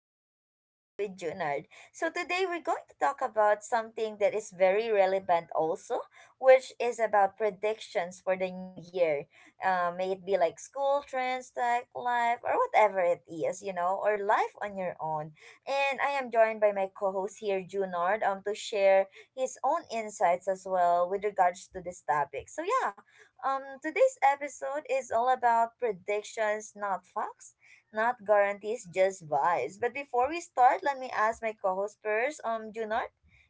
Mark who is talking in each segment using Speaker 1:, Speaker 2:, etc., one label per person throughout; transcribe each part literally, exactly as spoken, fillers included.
Speaker 1: another podcast with Junard. So today we're going to talk about something that is very relevant also, which is about predictions for the new year. Uh, may it be like school trends, tech life, or whatever it is, you know, or life on your own. And I am joined by my co-host here, Junard, um, to share his own insights as well with regards to this topic. So yeah, um, today's episode is all about predictions, not facts not guarantees, just vibes. But before we start, let me ask my co-host first. Um, Junard,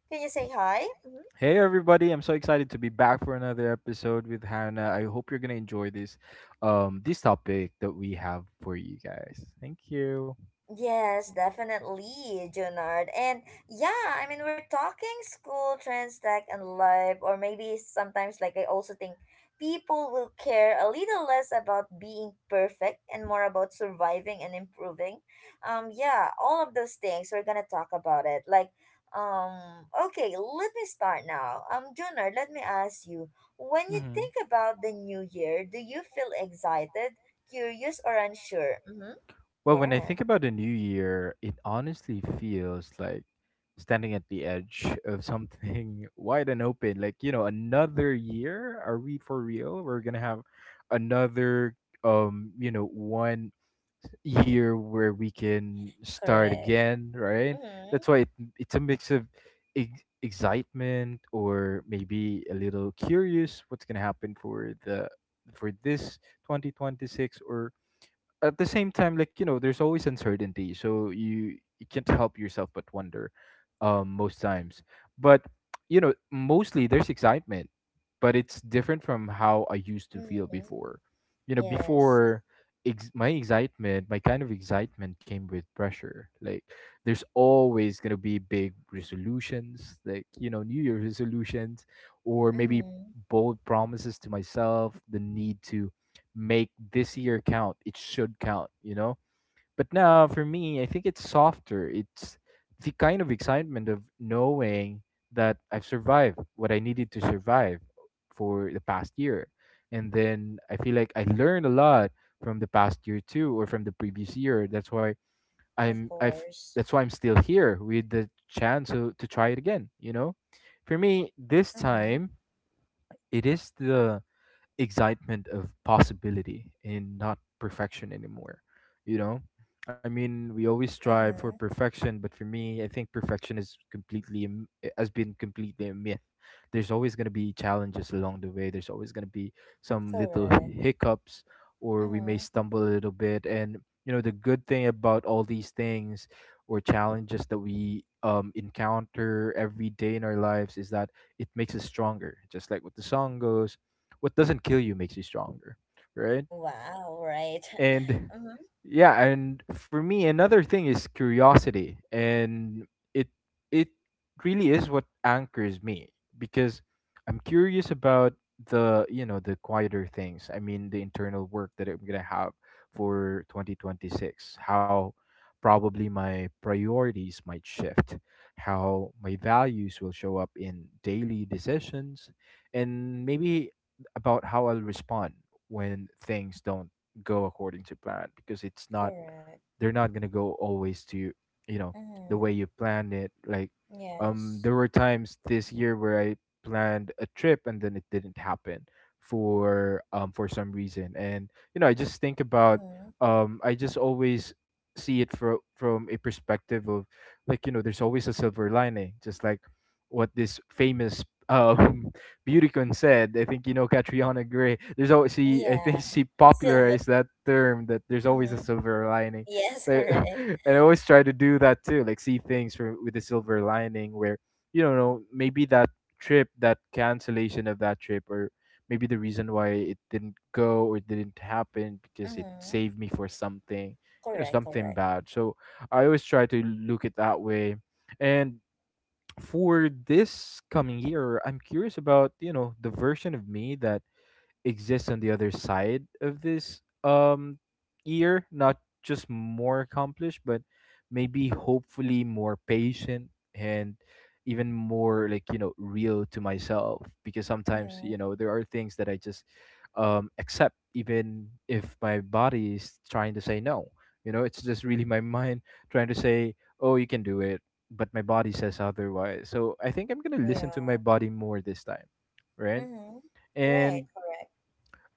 Speaker 1: can you say hi? Mm-hmm.
Speaker 2: Hey everybody, I'm so excited to be back for another episode with Hannah. I hope you're gonna enjoy this um this topic that we have for you guys. Thank you.
Speaker 1: Yes, definitely, Junard. And yeah, I mean, we're talking school, trends, tech, and life, or maybe sometimes, like, I also think people will care a little less about being perfect and more about surviving and improving. Um, yeah, all of those things, we're gonna talk about it. Like, um, okay, let me start now. Um, Junard, let me ask you, when you think
Speaker 2: hmm
Speaker 1: about the new year, do you feel excited, curious, or unsure? Mm-hmm.
Speaker 2: Well, when I
Speaker 1: Yes.
Speaker 2: think about the new year, it honestly feels like standing at the edge of something wide and open. Like, you know, another year? Are we for real? We're going to have another, um, you know, one year where we can start
Speaker 1: Correct.
Speaker 2: again, right?
Speaker 1: Mm-hmm.
Speaker 2: That's why it, it's a mix of ex- excitement, or maybe a little curious what's going to happen for the for this twenty twenty-six. Or at the same time, like, you know, there's always uncertainty, so you you can't help yourself but wonder, um, most times. But, you know, mostly there's excitement, but it's different from how I used to feel
Speaker 1: Mm-hmm.
Speaker 2: before. You know,
Speaker 1: Yes.
Speaker 2: before, ex- my excitement, my kind of excitement came with pressure. Like, there's always gonna be big resolutions, like, you know, New Year resolutions, or maybe
Speaker 1: Mm-hmm.
Speaker 2: bold promises to myself. The need to make this year count. It should count. You know, but now for me, I think it's softer. It's the kind of excitement of knowing that I've survived what I needed to survive for the past year. And then I feel like I learned a lot from the past year too, or from the previous year. That's why
Speaker 1: Of
Speaker 2: I'm I've
Speaker 1: course.
Speaker 2: that's why I'm still here with the chance to, to try it again, you know? For me, this
Speaker 1: Mm-hmm.
Speaker 2: time it is the excitement of possibility and not perfection anymore, you know. I mean, we always strive for
Speaker 1: Mm-hmm.
Speaker 2: perfection, but for me, I think perfection is completely a m- has been completely a myth. There's always going to be challenges along the way, there's always going to be some little
Speaker 1: Correct.
Speaker 2: hiccups, or we may
Speaker 1: Mm-hmm.
Speaker 2: stumble a little bit. And you know, the good thing about all these things or challenges that we um, encounter every day in our lives is that it makes us stronger, just like what the song goes, what doesn't kill you makes you stronger, right?
Speaker 1: Wow, right.
Speaker 2: And
Speaker 1: Mm-hmm.
Speaker 2: yeah, and for me, another thing is curiosity. And it it really is what anchors me, because I'm curious about the, you know, the quieter things. I mean, the internal work that I'm gonna have for twenty twenty-six, how probably my priorities might shift, how my values will show up in daily decisions, and maybe about how I'll respond when things don't go according to plan. Because it's not,
Speaker 1: Correct.
Speaker 2: they're not gonna go always to, you know, the
Speaker 1: Mm-hmm.
Speaker 2: way you planned it. Like, um,
Speaker 1: Yes.
Speaker 2: there were times this year where I planned a trip and then it didn't happen for um for some reason. And you know, I just think about,
Speaker 1: Mm-hmm.
Speaker 2: um I just always see it from from a perspective of, like, you know, there's always a silver lining, just like what this famous um Beautycon said. I think you know Catriona Gray. There's always she. I think
Speaker 1: Yeah.
Speaker 2: she
Speaker 1: Silver.
Speaker 2: popularized that term that there's always a
Speaker 1: Mm-hmm.
Speaker 2: silver lining.
Speaker 1: Yes,
Speaker 2: So,
Speaker 1: correct.
Speaker 2: and I always try to do that too, like see things from, with a silver lining, where you don't know, maybe that trip, that cancellation of that trip, or maybe the reason why it didn't go or didn't happen, because it
Speaker 1: Mm-hmm.
Speaker 2: saved me for something, you know,
Speaker 1: Correct,
Speaker 2: something
Speaker 1: correct.
Speaker 2: bad. So I always try to look at that way. And for this coming year, I'm curious about, you know, the version of me that exists on the other side of this um year. Not just more accomplished, but maybe hopefully more patient, and even more, like, you know, real to myself. Because sometimes,
Speaker 1: Mm-hmm.
Speaker 2: you know, there are things that I just um accept even if my body is trying to say no. You know, it's just really my mind trying to say, oh, you can do it, but my body says otherwise. So I think I'm going to listen
Speaker 1: Yeah.
Speaker 2: to my body more this time, right?
Speaker 1: Mm-hmm. Right,
Speaker 2: And
Speaker 1: correct.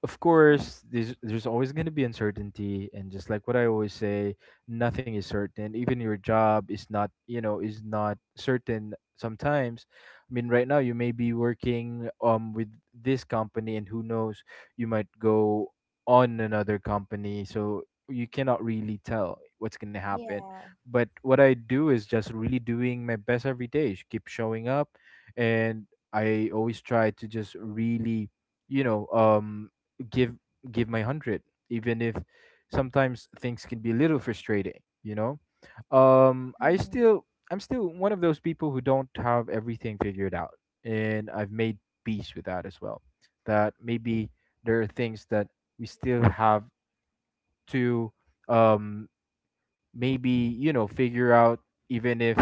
Speaker 2: of
Speaker 1: Mm-hmm.
Speaker 2: course, there's there's always going to be uncertainty. And just like what I always say, nothing is certain. Even your job is not, you know, is not certain sometimes. I mean, right now you may be working um with this company, and who knows, you might go on another company. So you cannot really tell what's going to happen.
Speaker 1: Yeah.
Speaker 2: But what I do is just really doing my best every day, sh- keep showing up. And I always try to just really, you know, um give give my one hundred, even if sometimes things can be a little frustrating, you know. um i
Speaker 1: Mm-hmm.
Speaker 2: still I'm still one of those people who don't have everything figured out, and I've made peace with that as well. That maybe there are things that we still have to, um maybe, you know, figure out, even if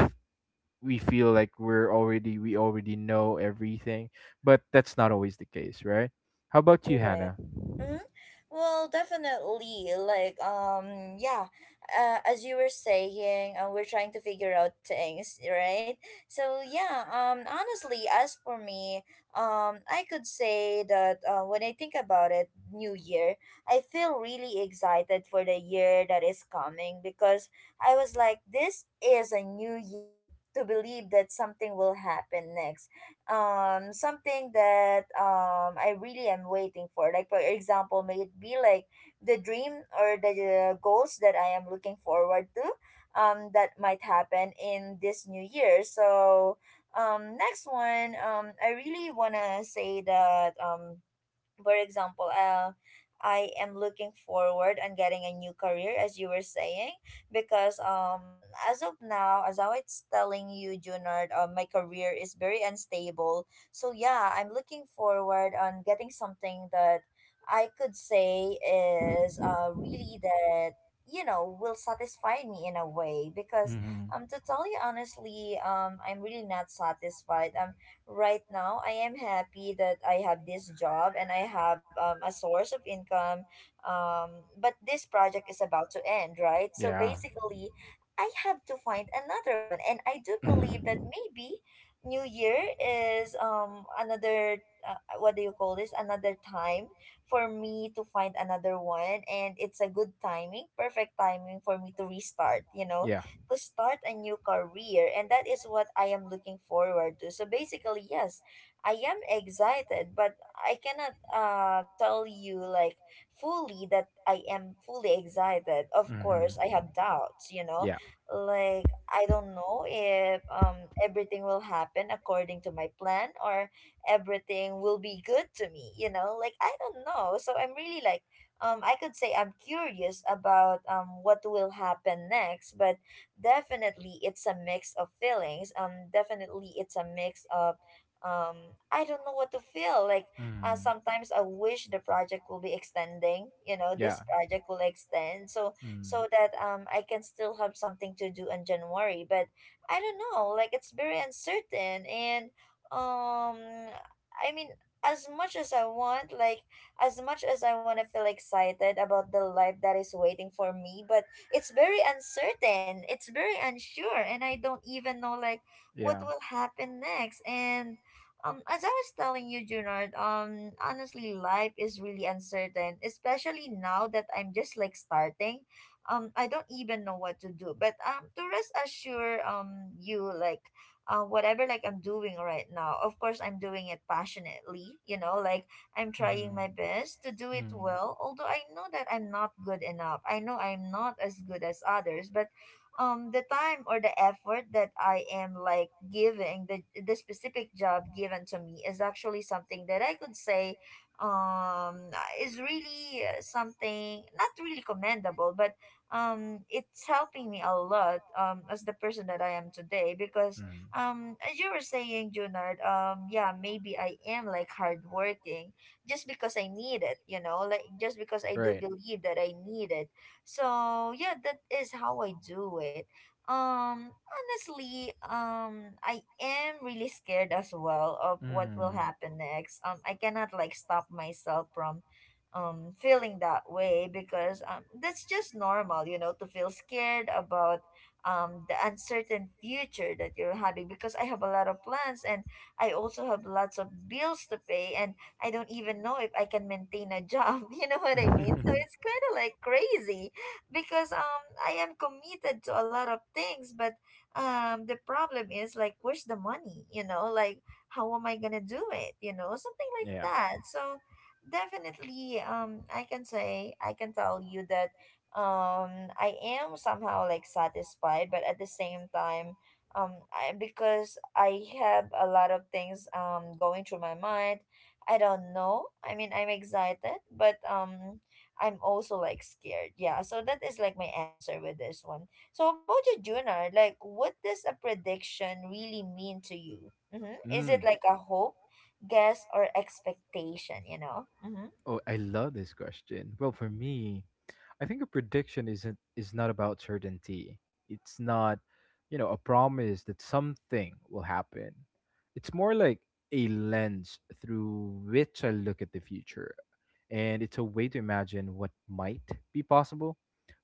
Speaker 2: we feel like we're already we already know everything. But that's not always the case, right? How about you,
Speaker 1: Correct.
Speaker 2: Hannah?
Speaker 1: Mm-hmm. Well, definitely. Like, um, yeah. Uh, as you were saying, uh, we're trying to figure out things, right? So yeah. Um, honestly, as for me, um, I could say that uh, when I think about it, New Year, I feel really excited for the year that is coming because I was like, this is a new year. To believe that something will happen next, um something that um I really am waiting for. Like for example, may it be like the dream or the uh, goals that I am looking forward to um that might happen in this new year. So um next one um I really want to say that um for example, uh, I am looking forward and getting a new career, as you were saying, because um, as of now, as I was telling you, Junard, uh, my career is very unstable. So yeah, I'm looking forward on getting something that I could say is uh, really that you know will satisfy me in a way because um to tell you honestly um I'm really not satisfied um right now I am happy that I have this job and I have um, a source of income. Um, but this project is about to end, right? So basically, I have to find another one, and I do believe that maybe New Year is um another uh, what do you call this? Another time for me to find another one, and it's a good timing, perfect timing for me to restart. You know to start a new career and that is what I am looking forward to. So basically, yes, I am excited, but I cannot uh tell you like fully that I am fully excited. Of course, I have doubts, you know. Like I don't know if um everything will happen according to my plan or everything will be good to me, you know? Like I don't know. So I'm really like um I could say I'm curious about um what will happen next, but definitely, it's a mix of feelings. Um, definitely, it's a mix of, um, I don't know what to feel. Like, uh, sometimes I wish the project will be extending. You know, this project will extend so so that um I can still have something to do in January. But I don't know. Like, it's very uncertain, and um, I mean. As much as I want, like, as much as I want to feel excited about the life that is waiting for me, but it's very uncertain it's very unsure and I don't even know like what will happen next and um as I was telling you Junard, um honestly life is really uncertain especially now that I'm just like starting um I don't even know what to do but um to rest assure um you like uh, whatever like I'm doing right now of course I'm doing it passionately you know like I'm trying my best to do it well, although I know that I'm not good enough. I know I'm not as good as others, but
Speaker 2: a way.
Speaker 1: um the time or the effort that I am like giving the the specific job given to me is actually something that I could say um is really uh, something not really commendable, but um it's helping me a lot um as the person that I am today because
Speaker 2: Mm.
Speaker 1: um as you were saying Junard um yeah maybe I am like hardworking just because I need it, you know, like just because I do
Speaker 2: Right.
Speaker 1: believe that I need it. So yeah, that is how I do it. Um, honestly, um, I am really scared as well of what will
Speaker 2: Mm.
Speaker 1: happen next. Um, I cannot like stop myself from um feeling that way because um that's just normal you know to feel scared about um the uncertain future that you're having because I have a lot of plans and I also have lots of bills to pay and I don't even know if I can maintain a job. You know what I mean? So it's kind of like crazy because um I am committed to a lot of things, but um the problem is like where's the money? You know, like how am I gonna do it? You know, something like
Speaker 2: yeah.
Speaker 1: that. So definitely um I can say I can tell you that um I am somehow like satisfied, but at the same time um I, because I have a lot of things um going through my mind I don't know. I mean, I'm excited, but um, I'm also like scared. Yeah, so that is like my answer with this one. So how about you, Junar? Like, what does a prediction really mean to you? Mm-hmm. Is it
Speaker 2: Mm.
Speaker 1: like a hope, guess, or expectation? You know. Mm-hmm.
Speaker 2: Oh, I love this question. Well, for me, I think a prediction isn't is not about certainty. It's not, you know, a promise that something will happen. It's more like a lens through which I look at the future. And it's a way to imagine what might be possible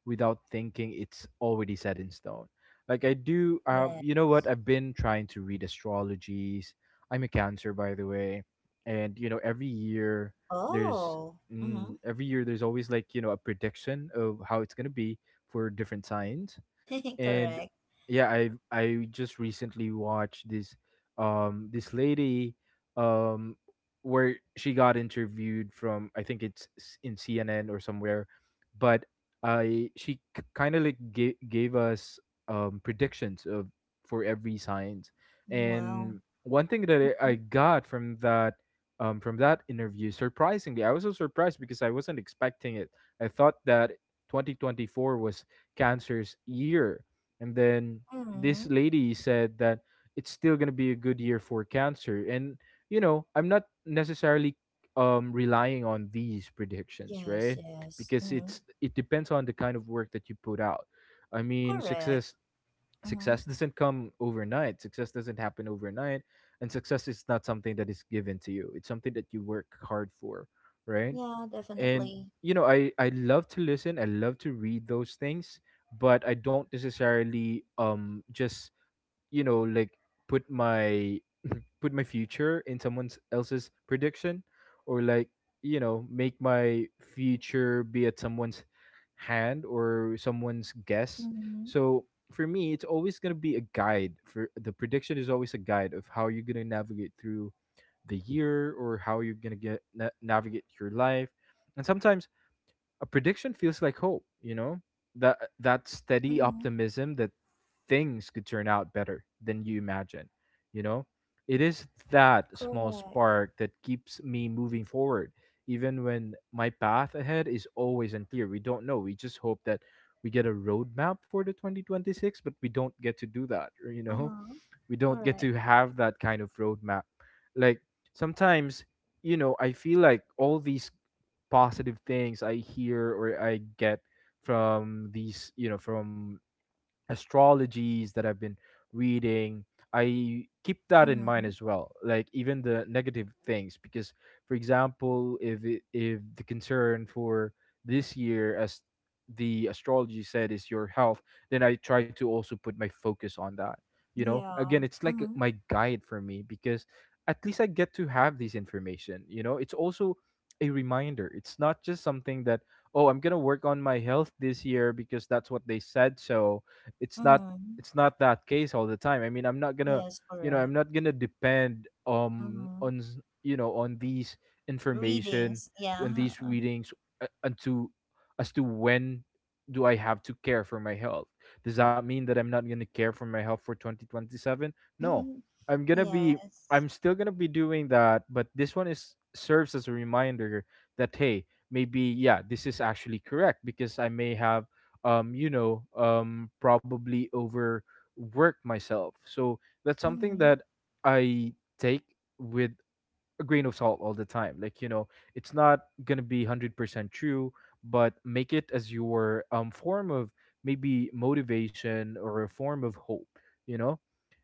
Speaker 2: without thinking it's already set in stone. Like, I do, um
Speaker 1: Yeah.
Speaker 2: you know what, I've been trying to read astrologies. I'm a cancer by the way. And you know, every year there's,
Speaker 1: Oh.
Speaker 2: mm,
Speaker 1: Mm-hmm.
Speaker 2: every year there's always, like, you know, a prediction of how it's going to be for different signs. And
Speaker 1: Correct.
Speaker 2: yeah, i i just recently watched this um this lady, um where she got interviewed from, I think it's s- in CNN or somewhere. But I she kind of like gave, gave us um predictions of, for every science. And
Speaker 1: Wow.
Speaker 2: one thing that i I got from that, um from that interview, surprisingly, I was so surprised because I wasn't expecting it. I thought that twenty twenty-four was cancer's year, and then this
Speaker 1: Mm-hmm.
Speaker 2: lady said that it's still going to be a good year for cancer. And, you know, I'm not necessarily um, relying on these predictions, right?
Speaker 1: Yes, yes.
Speaker 2: Because
Speaker 1: Mm-hmm.
Speaker 2: it's it depends on the kind of work that you put out. I mean, success
Speaker 1: Correct.
Speaker 2: success
Speaker 1: Mm-hmm.
Speaker 2: doesn't come overnight. Success doesn't happen overnight, and success is not something that is given to you. It's something that you work hard for, right?
Speaker 1: Yeah,
Speaker 2: And
Speaker 1: definitely.
Speaker 2: you know, i i love to listen, I love to read those things, but I don't necessarily, um just, you know, like, put my put my future in someone else's prediction, or like, you know, make my future be at someone's hand or someone's guess.
Speaker 1: Mm-hmm.
Speaker 2: So for me, it's always going to be a guide. For the prediction is always a guide of how you're going to navigate through the year, or how you're going to get na- navigate your life. And sometimes a prediction feels like hope, you know? That that steady
Speaker 1: Mm-hmm.
Speaker 2: optimism that things could turn out better than you imagine, you know? It is that small
Speaker 1: Correct.
Speaker 2: spark that keeps me moving forward even when my path ahead is always unclear. We don't know. We just hope that we get a roadmap for the twenty twenty-six, but we don't get to do that, or, you know,
Speaker 1: Uh-huh.
Speaker 2: we don't get to
Speaker 1: Correct.
Speaker 2: have that kind of roadmap. Like, sometimes, you know, I feel like all these positive things I hear or I get from these, you know, from astrologies that I've been reading. I keep that in mind
Speaker 1: Mm-hmm.
Speaker 2: as well, like even the negative things, because, for example, if it, if the concern for this year, as the astrology said, is your health, then I try to also put my focus on that. You know,
Speaker 1: Yeah.
Speaker 2: again, it's like
Speaker 1: Mm-hmm.
Speaker 2: my guide for me, because at least I get to have this information. You know, it's also a reminder. It's not just something that, oh, I'm gonna work on my health this year because that's what they said. So it's not,
Speaker 1: Mm-hmm.
Speaker 2: it's not that case all the time. I mean, I'm not gonna,
Speaker 1: Yes,
Speaker 2: you know, I'm
Speaker 1: correct.
Speaker 2: not gonna depend um
Speaker 1: Mm-hmm.
Speaker 2: on s- you know, on these information
Speaker 1: Readings.
Speaker 2: and these
Speaker 1: Yeah.
Speaker 2: readings uh, unto as to when do I have to care for my health. Does that mean that I'm not gonna care for my health for twenty twenty-seven? No, I'm gonna be, I'm
Speaker 1: Yes.
Speaker 2: still gonna be doing that, but this one is serves as a reminder that hey, maybe yeah, this is actually correct because I may have um you know um probably overwork myself. So that's something
Speaker 1: Mm-hmm.
Speaker 2: that I take with a grain of salt all the time, like you know it's not going to be one hundred percent true, but make it as your um form of maybe motivation or a form of hope, you know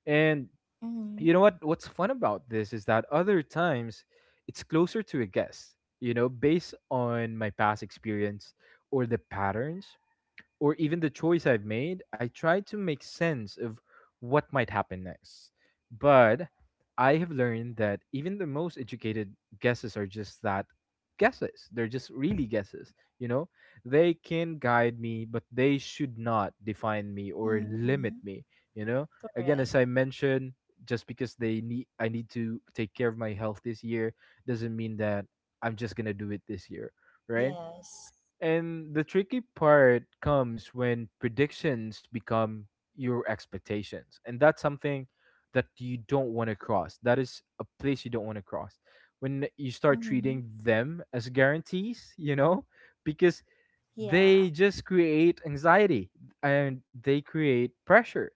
Speaker 2: and you know
Speaker 1: Mm-hmm.
Speaker 2: what what's fun about this is that other times it's closer to a guess, you know based on my past experience or the patterns or even the choice I've made. I try to make sense of what might happen next. But I have learned that even the most educated guesses are just that, guesses. They're just really guesses, you know? They can guide me, but they should not define me or limit
Speaker 1: Mm-hmm.
Speaker 2: me, you know? Again, as
Speaker 1: Correct.
Speaker 2: I mentioned, just because they need I need to take care of my health this year doesn't mean that I'm just going to do it this year, right?
Speaker 1: Yes.
Speaker 2: And the tricky part comes when predictions become your expectations. And that's something that you don't want to cross. That is a place you don't want to cross. When you start
Speaker 1: Mm-hmm.
Speaker 2: treating them as guarantees, you know, because they
Speaker 1: Yeah.
Speaker 2: just create anxiety and they create pressure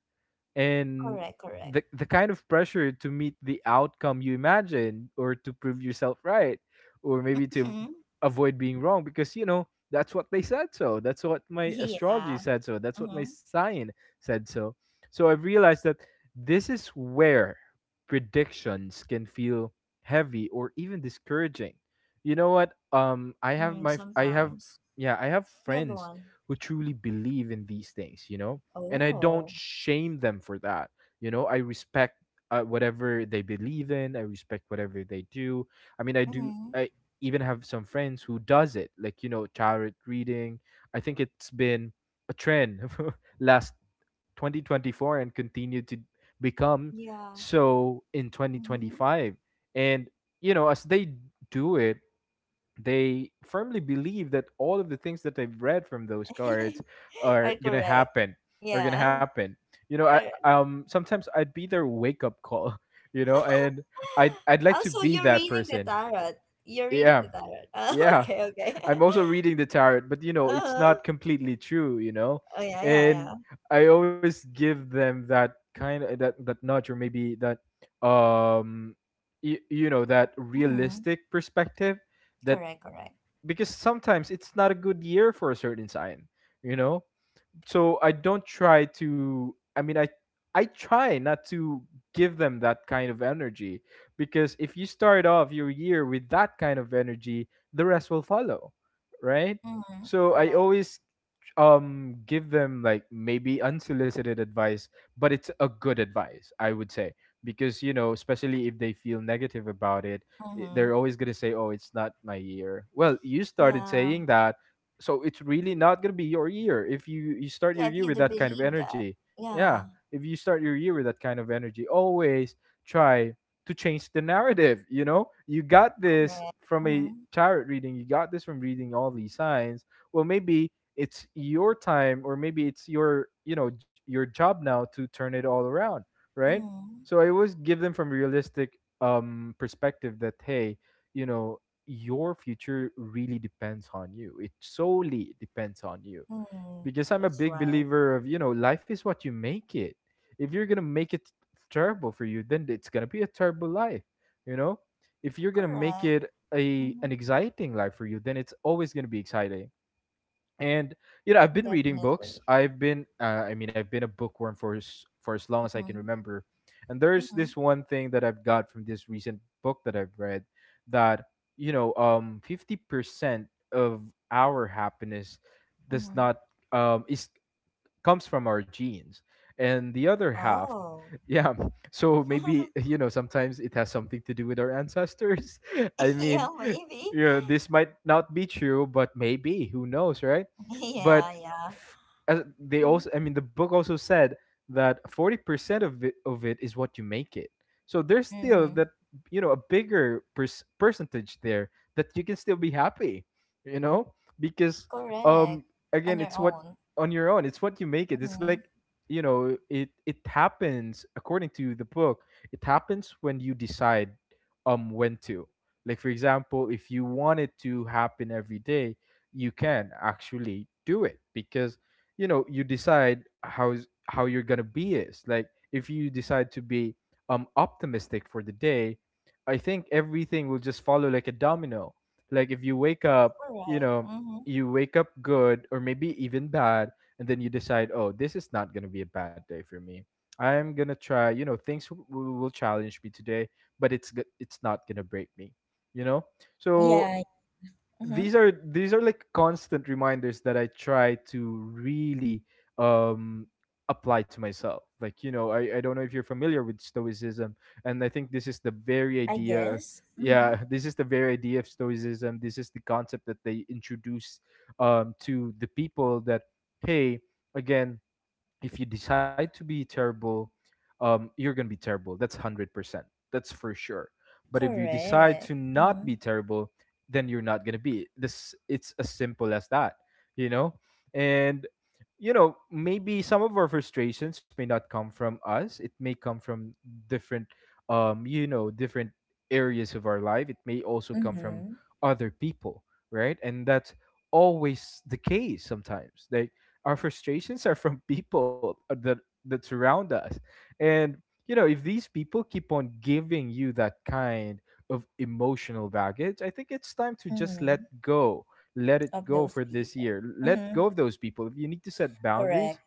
Speaker 2: and
Speaker 1: Correct,
Speaker 2: the
Speaker 1: correct.
Speaker 2: the kind of pressure to meet the outcome you imagine or to prove yourself right, or maybe to
Speaker 1: Mm-hmm.
Speaker 2: avoid being wrong, because you know that's what they said, so that's what my astrology
Speaker 1: Yeah.
Speaker 2: said, so that's what my
Speaker 1: Mm-hmm.
Speaker 2: sign said so. So I've realized that this is where predictions can feel heavy or even discouraging. You know what um I have
Speaker 1: Mm,
Speaker 2: my I have
Speaker 1: sometimes.
Speaker 2: Yeah, I have
Speaker 1: Yeah, go
Speaker 2: friends
Speaker 1: on.
Speaker 2: who truly believe in these things, you know, and I don't
Speaker 1: Oh.
Speaker 2: shame them for that. You know, I respect uh, whatever they believe in. I respect whatever they do. I mean, I do.
Speaker 1: Mm-hmm.
Speaker 2: I even have some friends who does it, like you know, tarot reading. I think it's been a trend last twenty twenty-four and continued to become
Speaker 1: Yeah.
Speaker 2: so in
Speaker 1: Mm-hmm.
Speaker 2: twenty twenty-five. And you know, as they do it, they firmly believe that all of the things that they've read from those cards are
Speaker 1: Are
Speaker 2: gonna
Speaker 1: correct.
Speaker 2: happen, are gonna
Speaker 1: Yeah.
Speaker 2: happen you know. I
Speaker 1: Correct.
Speaker 2: um Sometimes I'd be their wake-up call, you know, and i'd i'd like
Speaker 1: Oh,
Speaker 2: to
Speaker 1: so
Speaker 2: be
Speaker 1: you're
Speaker 2: that
Speaker 1: reading the
Speaker 2: person.
Speaker 1: tarot. You're reading
Speaker 2: Yeah,
Speaker 1: the tarot. Oh,
Speaker 2: yeah.
Speaker 1: okay, okay.
Speaker 2: I'm also reading the tarot, but you know it's
Speaker 1: Uh-huh.
Speaker 2: not completely true, you know.
Speaker 1: Oh, yeah, yeah,
Speaker 2: And
Speaker 1: yeah.
Speaker 2: I always give them that kind of, that that nudge or maybe that, um you, you know that
Speaker 1: Mm-hmm.
Speaker 2: realistic perspective. That
Speaker 1: Correct, correct.
Speaker 2: Because sometimes it's not a good year for a certain sign, you know? So I don't try to, I mean, I I try not to give them that kind of energy, because if you start off your year with that kind of energy, the rest will follow, right?
Speaker 1: Mm-hmm.
Speaker 2: So I
Speaker 1: Correct.
Speaker 2: always um give them like maybe unsolicited advice, but it's a good advice, I would say, because you know, especially if they feel negative about it, i- they're
Speaker 1: Mm-hmm.
Speaker 2: always going to say, oh, it's not my year. Well, you started saying
Speaker 1: Yeah.
Speaker 2: that, so it's really not going to be your year if you you start your
Speaker 1: Yeah, if
Speaker 2: year
Speaker 1: you
Speaker 2: with
Speaker 1: do
Speaker 2: that kind of
Speaker 1: believe that.
Speaker 2: energy. Yeah,
Speaker 1: Yeah,
Speaker 2: if you start your year with that kind of energy, always try to change the narrative. You know, you got this
Speaker 1: correct.
Speaker 2: from a
Speaker 1: Mm-hmm.
Speaker 2: tarot reading, you got this from reading all these signs. Well, maybe it's your time, or maybe it's your, you know j- your job now to turn it all around, right?
Speaker 1: Mm-hmm.
Speaker 2: So I always give them from realistic um perspective that hey, you know, your future really depends on you. It solely depends on you,
Speaker 1: Mm-hmm.
Speaker 2: because I'm a
Speaker 1: That's
Speaker 2: big
Speaker 1: right.
Speaker 2: believer of, you know, life is what you make it. If you're gonna make it terrible for you, then it's gonna be a terrible life, you know. If you're gonna make
Speaker 1: Correct.
Speaker 2: it a
Speaker 1: Mm-hmm.
Speaker 2: an exciting life for you, then it's always gonna be exciting. And you know, I've been reading books,
Speaker 1: Definitely.
Speaker 2: I've been uh, I mean I've been a bookworm for as, for as long as I can
Speaker 1: Mm-hmm.
Speaker 2: remember, and there's
Speaker 1: Mm-hmm.
Speaker 2: this one thing that I've got from this recent book that I've read, that you know um fifty percent of our happiness does
Speaker 1: Mm-hmm.
Speaker 2: not um is comes from our genes, and the other half.
Speaker 1: Oh.
Speaker 2: Yeah, so maybe you know sometimes it has something to do with our ancestors. I
Speaker 1: Yeah,
Speaker 2: mean,
Speaker 1: maybe.
Speaker 2: you know, this might not be true, but maybe, who knows, right? But
Speaker 1: Yeah, yeah.
Speaker 2: f- as they also,
Speaker 1: Mm-hmm.
Speaker 2: I mean the book also said, that forty percent of it, of it is what you make it. So there's still
Speaker 1: Mm-hmm.
Speaker 2: that, you know, a bigger pers- percentage there that you can still be happy, you know. Because um
Speaker 1: Correct.
Speaker 2: again,
Speaker 1: On
Speaker 2: it's
Speaker 1: your
Speaker 2: what,
Speaker 1: own.
Speaker 2: on your own, it's what you make it. It's like,
Speaker 1: Mm-hmm.
Speaker 2: you know, it it happens, according to the book, it happens when you decide um when to, like for example, if you want it to happen every day, you can actually do it, because you know, you decide how how you're gonna be. Is like, if you decide to be um optimistic for the day, I think everything will just follow like a domino. Like if you wake up, you
Speaker 1: Correct.
Speaker 2: know,
Speaker 1: Mm-hmm.
Speaker 2: you wake up good or maybe even bad, and then you decide, oh, this is not gonna be a bad day for me. I'm gonna try. You know, things w- w- will challenge me today, but it's g- it's not gonna break me. You know, so
Speaker 1: Yeah. Mm-hmm.
Speaker 2: these are, these are like constant reminders that I try to really um apply to myself. Like, you know, I, I don't know if you're familiar with stoicism, and I think this is the very
Speaker 1: I
Speaker 2: idea.
Speaker 1: guess. Mm-hmm.
Speaker 2: Yeah, this is the very idea of stoicism. This is the concept that they introduce um to the people, that hey, again, if you decide to be terrible, um, you're gonna be terrible. That's hundred percent. That's for sure. But if you decide
Speaker 1: Correct.
Speaker 2: to not
Speaker 1: Mm-hmm.
Speaker 2: be terrible, then you're not gonna be. This, it's as simple as that, you know. And you know, maybe some of our frustrations may not come from us. It may come from different, um, you know, different areas of our life. It may also come from
Speaker 1: Mm-hmm.
Speaker 2: other people, right? And that's always the case sometimes. That our frustrations are from people that that surround us. And you know, if these people keep on giving you that kind of emotional baggage, I think it's time to just let
Speaker 1: Mm-hmm.
Speaker 2: go. Let it
Speaker 1: Of
Speaker 2: go
Speaker 1: those
Speaker 2: for this
Speaker 1: people.
Speaker 2: year. Let
Speaker 1: Mm-hmm.
Speaker 2: go of those people. If you need to set boundaries,
Speaker 1: Correct.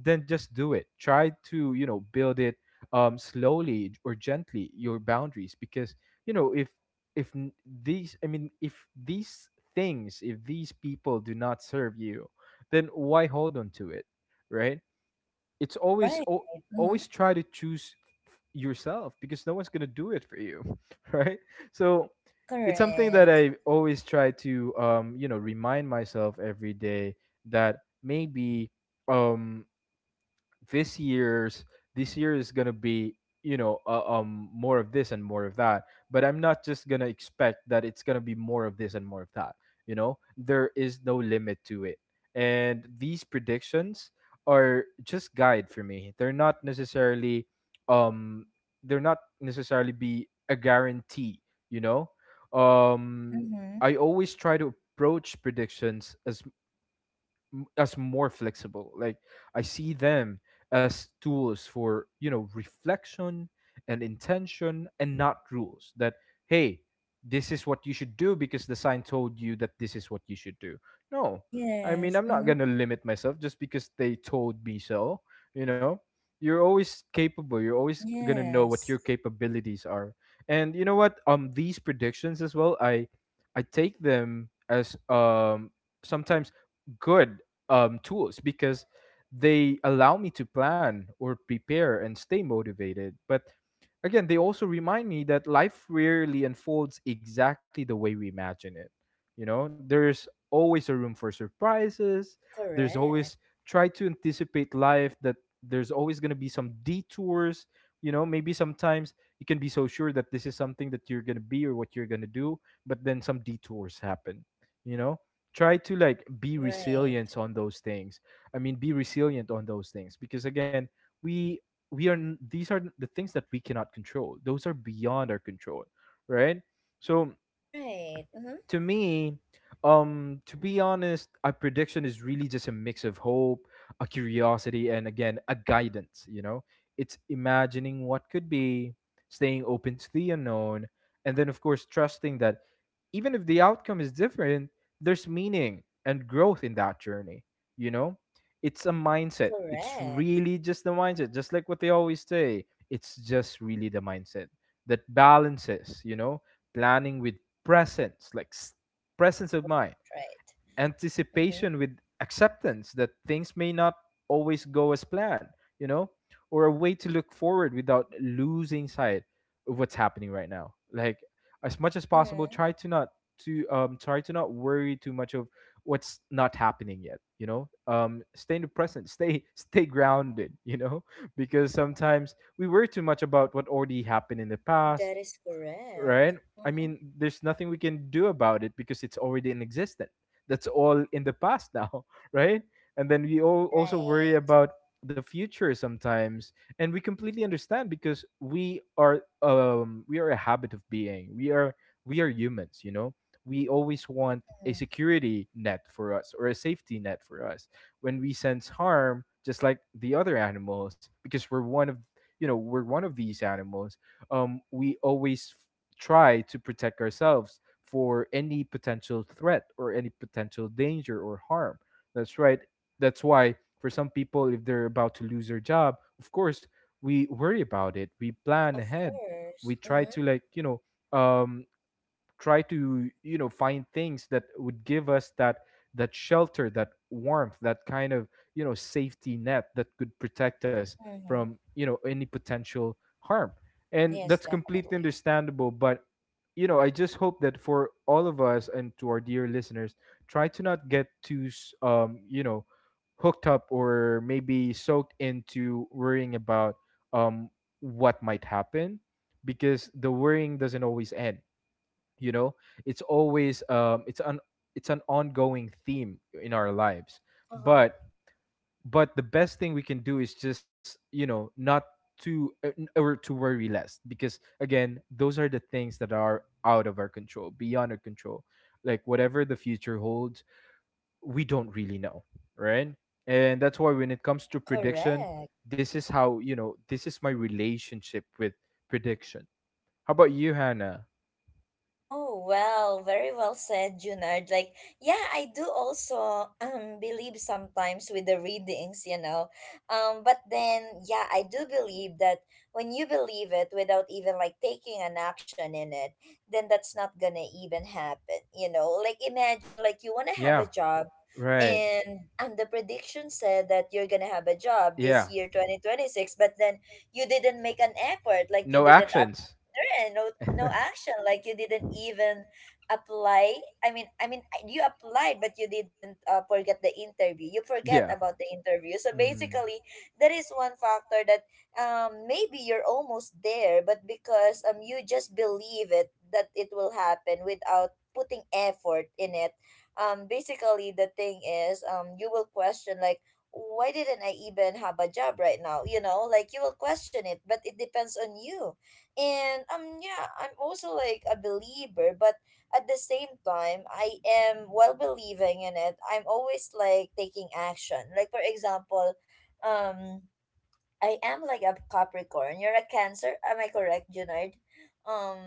Speaker 2: then just do it. Try to, you know, build it um slowly or gently your boundaries, because, you know, if if n- these, I mean, if these things, if these people do not serve you, then why hold on to it, right? It's always
Speaker 1: Right.
Speaker 2: al-
Speaker 1: Mm-hmm.
Speaker 2: Always try to choose yourself, because no one's going to do it for you, right? So it's something that
Speaker 1: Correct.
Speaker 2: I always try to um, you know, remind myself every day that maybe um this year's this year is gonna be, you know, uh, um more of this and more of that, but I'm not just gonna expect that it's gonna be more of this and more of that. You know, there is no limit to it, and these predictions are just guide for me. They're not necessarily um they're not necessarily be a guarantee, you know. um
Speaker 1: Mm-hmm.
Speaker 2: I always try to approach predictions as as more flexible. Like, I see them as tools for, you know, reflection and intention, and not rules. That hey, this is what you should do because the sign told you that this is what you should do. No, I mean,
Speaker 1: Yes.
Speaker 2: I'm not
Speaker 1: Mm-hmm.
Speaker 2: gonna limit myself just because they told me so. You know, you're always capable. You're always gonna know what your
Speaker 1: Yes.
Speaker 2: capabilities are. And you know what? Um, these predictions as well. I I take them as um sometimes good um, tools, because they allow me to plan or prepare and stay motivated. But again, they also remind me that life rarely unfolds exactly the way we imagine it. You know, there's always a room for surprises. There's
Speaker 1: Correct.
Speaker 2: always, try to anticipate life, that there's always going to be some detours. You know, maybe sometimes you can be so sure that this is something that you're going to be or what you're going to do, but then some detours happen, you know? Try to like be
Speaker 1: Right.
Speaker 2: resilient on those things, I mean, be resilient on those things, because again, we we are n- these are the things that we cannot control. Those are beyond our control, right? So
Speaker 1: Right. Mm-hmm.
Speaker 2: to me, um, to be honest, a prediction is really just a mix of hope, a curiosity, and again, a guidance. You know, it's imagining what could be, staying open to the unknown, and then, of course, trusting that even if the outcome is different, there's meaning and growth in that journey. You know, it's a mindset. It's
Speaker 1: Correct.
Speaker 2: really just the mindset, just like what they always say. It's just really the mindset that balances, you know, planning with presence, like s- presence of mind,
Speaker 1: Right. Mm-hmm.
Speaker 2: anticipation with acceptance that things may not always go as planned, you know, or a way to look forward without losing sight of what's happening right now. Like as much as possible,
Speaker 1: Mm-hmm.
Speaker 2: try to not to um try to not worry too much of what's not happening yet, you know um stay in the present, stay stay grounded, you know. Because sometimes we worry too much about what already happened in the past,
Speaker 1: That is correct.
Speaker 2: right? I
Speaker 1: Mm-hmm.
Speaker 2: mean, there's nothing we can do about it because it's already in existence. That's all in the past now, right? And then we all also worry
Speaker 1: Right.
Speaker 2: about the future sometimes, and we completely understand because we are um we are a habit of being. We are we are humans, you know. We always want a
Speaker 1: Mm-hmm.
Speaker 2: security net for us or a safety net for us when we sense harm, just like the other animals, because we're one of you know we're one of these animals. um, we always try to protect ourselves for any potential threat or any potential danger or harm. That's right. That's why for some people, if they're about to lose their job, of course we worry about it. We plan
Speaker 1: Of
Speaker 2: ahead. We
Speaker 1: course.
Speaker 2: try
Speaker 1: Mm-hmm.
Speaker 2: to, like, you know, um try to, you know, find things that would give us that that shelter, that warmth, that kind of, you know, safety net that could protect us from,
Speaker 1: Mm-hmm.
Speaker 2: you know, any potential harm. And
Speaker 1: Yes,
Speaker 2: that's completely
Speaker 1: definitely.
Speaker 2: understandable, but you know, I just hope that for all of us and to our dear listeners, try to not get too, s- um, you know, hooked up or maybe soaked into worrying about um, what might happen, because the worrying doesn't always end. You know, it's always um, it's an it's an ongoing theme in our lives.
Speaker 1: Uh-huh.
Speaker 2: But but the best thing we can do is just, you know, not to uh, n- or to worry less, because again, those are the things that are out of our control, beyond our control. Like whatever the future holds, we don't really know, right? And that's why when it comes to prediction,
Speaker 1: Correct.
Speaker 2: this is how you know this is my relationship with prediction. How about you, Hannah?
Speaker 1: Oh, well, very well said, Junard. Like, yeah, I do also um believe sometimes with the readings, you know. Um, but then yeah, I do believe that when you believe it without even like taking an action in it, then that's not gonna even happen, you know. Like imagine like you wanna have a
Speaker 2: Yeah.
Speaker 1: job
Speaker 2: Right.
Speaker 1: and and the prediction said that you're gonna have a job this
Speaker 2: Yeah.
Speaker 1: year twenty twenty-six but then you didn't make an effort like you
Speaker 2: No
Speaker 1: didn't
Speaker 2: actions.
Speaker 1: there are no no action like you didn't even apply i mean i mean you applied but you didn't uh, forget the interview you forget
Speaker 2: Yeah.
Speaker 1: about the interview so
Speaker 2: Hmm.
Speaker 1: basically that is one factor that um maybe you're almost there but because um you just believe it that it will happen without putting effort in it um basically the thing is um you will question like why didn't I even have a job right now you know like you will question it but it depends on you and um yeah, I'm also like a believer, but at the same time, I am while believing in it, I'm always like taking action. Like for example, um I am like a Capricorn. You're a Cancer, am I correct, Junard? Um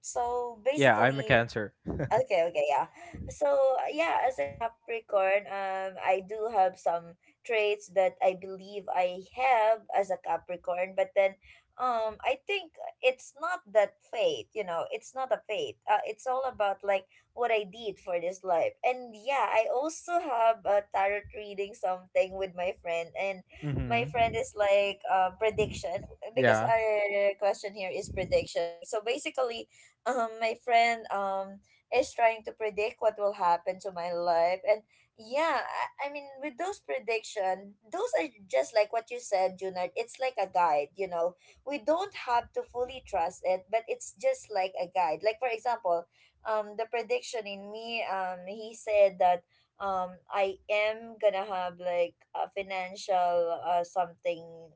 Speaker 1: so
Speaker 2: Yeah, I'm a
Speaker 1: basically
Speaker 2: cancer.
Speaker 1: Okay, okay, yeah. So, uh, yeah, as a Capricorn, um, I do have some traits that I believe I have as a Capricorn, but then, um, I think it's not that fate, you know, it's not a fate. Uh, it's all about like what I did for this life. And yeah, I also have a tarot reading something with my friend, and my
Speaker 2: Hmm.
Speaker 1: friend is like, uh, prediction because
Speaker 2: Yeah.
Speaker 1: our question here is prediction, right? So basically, um, my friend, um is trying to predict what will happen to my life. And yeah, I, I mean, with those prediction, those are just like what you said, Junard. It's like a guide, you know. We don't have to fully trust it, but it's just like a guide. Like, for example, um, the prediction in me, um, he said that um I am gonna have like a financial uh something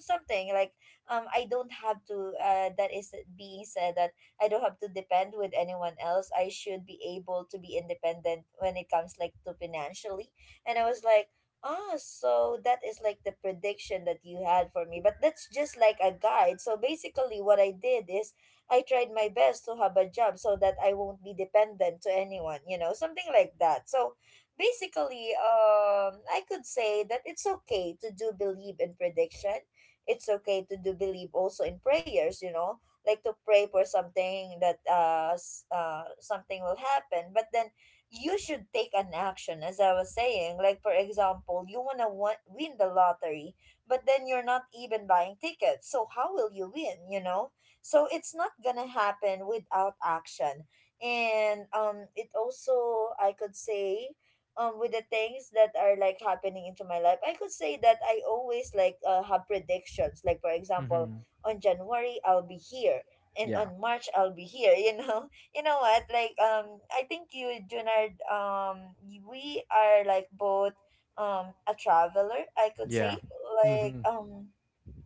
Speaker 1: something like um I don't have to uh that is being said that I don't have to depend with anyone else. I should be able to be independent when it comes like to financially. And I was like, ah, so that is like the prediction that you had for me. But that's just like a guide. So basically what I did is I tried my best to have a job so that I won't be dependent to anyone, you know, something like that. So basically, um, I could say that it's okay to do believe in prediction, it's okay to do believe also in prayers, you know, like to pray for something that uh, s- uh something will happen, but then you should take an action. As I was saying, like for example, you want to want, win the lottery, but then you're not even buying tickets, so how will you win, you know? So it's not gonna happen without action. And um it also, I could say, um with the things that are like happening into my life, I could say that I always like uh, have predictions. Like for example,
Speaker 2: Hmm.
Speaker 1: on january I'll be here and
Speaker 2: Yeah.
Speaker 1: on march I'll be here, you know. You know what, like um I think you, Junard, um we are like both um a traveler, I could
Speaker 2: Yeah.
Speaker 1: say.
Speaker 2: Hmm.
Speaker 1: Like um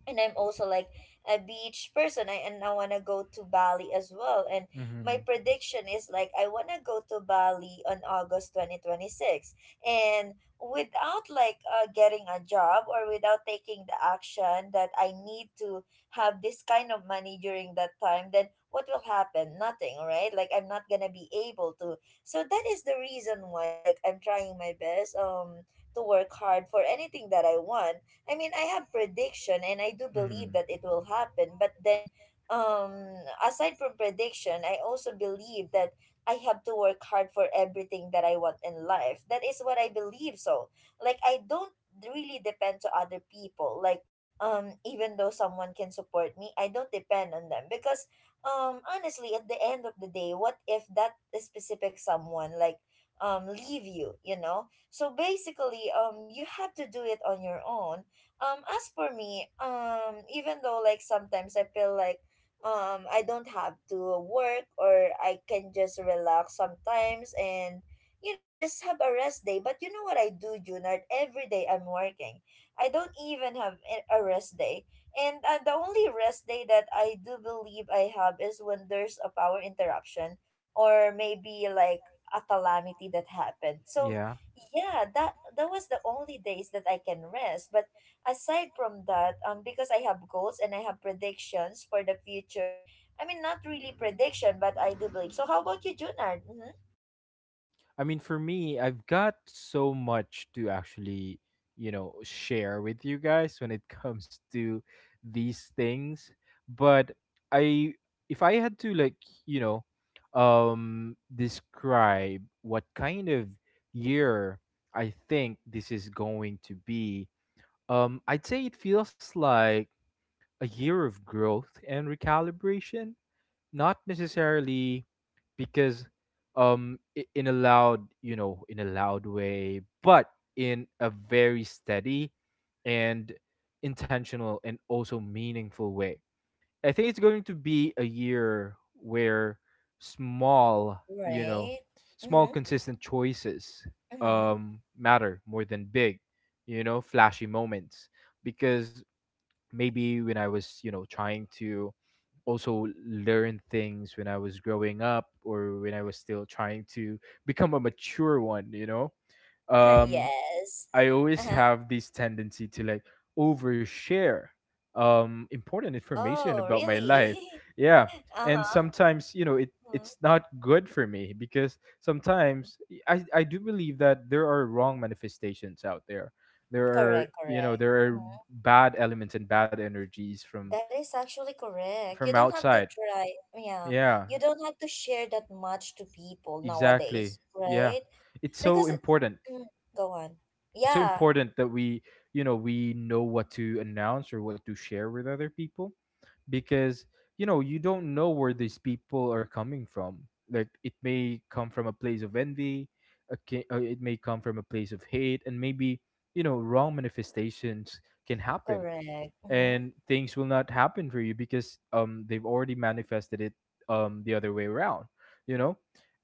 Speaker 1: and I'm also like a beach person. I and I wanna go to Bali as well. And my
Speaker 2: Hmm.
Speaker 1: prediction is like I wanna go to Bali on August twenty twenty six. And without like uh, getting a job or without taking the action that I need to have this kind of money during that time, then what will happen? Nothing, right? Like I'm not gonna be able to. So that is the reason why like I'm trying my best um to work hard for anything that I want. I mean, I have prediction and I do
Speaker 2: Hmm.
Speaker 1: believe that it will happen, but then um aside from prediction, I also believe that I have to work hard for everything that I want in life. That is what I believe so. Like I don't really depend to other people. Like um even though someone can support me, I don't depend on them because um honestly, at the end of the day, what if that specific someone like um leave you, you know? So basically, um, you have to do it on your own, um, as for me, um, even though like sometimes I feel like um I don't have to work or I can just relax sometimes and you know just have a rest day. But you know what I do, Junard? Every day I'm working. I don't even have a a rest day. And uh, the only rest day that I do believe I have is when there's a power interruption or maybe like a calamity that happened. So
Speaker 2: Yeah.
Speaker 1: yeah, that that was the only days that I can rest. But aside from that, um, because I have goals and I have predictions for the future. I mean, not really prediction, but I do believe. So, how about you, Junard? Mm-hmm.
Speaker 2: I mean, for me, I've got so much to actually, you know, share with you guys when it comes to these things. But I, if I had to, like, you know, um, describe what kind of year I think this is going to be, um, I'd say it feels like a year of growth and recalibration, not necessarily because um i- in a loud, you know, in a loud way, but in a very steady and intentional and also meaningful way. I think it's going to be a year where small, you know,
Speaker 1: Right.
Speaker 2: small
Speaker 1: Mm-hmm.
Speaker 2: consistent choices
Speaker 1: Mm-hmm.
Speaker 2: um matter more than big, you know, flashy moments. Because maybe when I was, you know, trying to also learn things when I was growing up, or when I was still trying to become a mature one, you know. Um
Speaker 1: Yes.
Speaker 2: I
Speaker 1: Uh
Speaker 2: always
Speaker 1: huh.
Speaker 2: have this tendency to, like, overshare um important information
Speaker 1: Oh,
Speaker 2: about my life.
Speaker 1: really?
Speaker 2: Yeah.
Speaker 1: Uh
Speaker 2: And
Speaker 1: huh.
Speaker 2: sometimes, you know, it
Speaker 1: Mm-hmm.
Speaker 2: it's not good for me, because sometimes I I do believe that there are wrong manifestations out there. There are,
Speaker 1: Correct.
Speaker 2: you know,
Speaker 1: Correct.
Speaker 2: there are
Speaker 1: Mm-hmm.
Speaker 2: bad elements and bad energies from
Speaker 1: That is actually correct. You
Speaker 2: from
Speaker 1: don't have to
Speaker 2: outside.
Speaker 1: try. Yeah.
Speaker 2: Yeah,
Speaker 1: You don't have to share that much to people
Speaker 2: exactly.
Speaker 1: nowadays,
Speaker 2: Yeah.
Speaker 1: right?
Speaker 2: It's so
Speaker 1: Because,
Speaker 2: important
Speaker 1: mm, go on.
Speaker 2: it's so
Speaker 1: Yeah.
Speaker 2: important that we, you know, we know what to announce or what to share with other people. Because you know, you don't know where these people are coming from. Like it may come from a place of envy. Okay. uh, it may come from a place of hate, and maybe, you know, wrong manifestations can happen,
Speaker 1: Correct. Mm-hmm.
Speaker 2: and things will not happen for you because um they've already manifested it um the other way around, you know.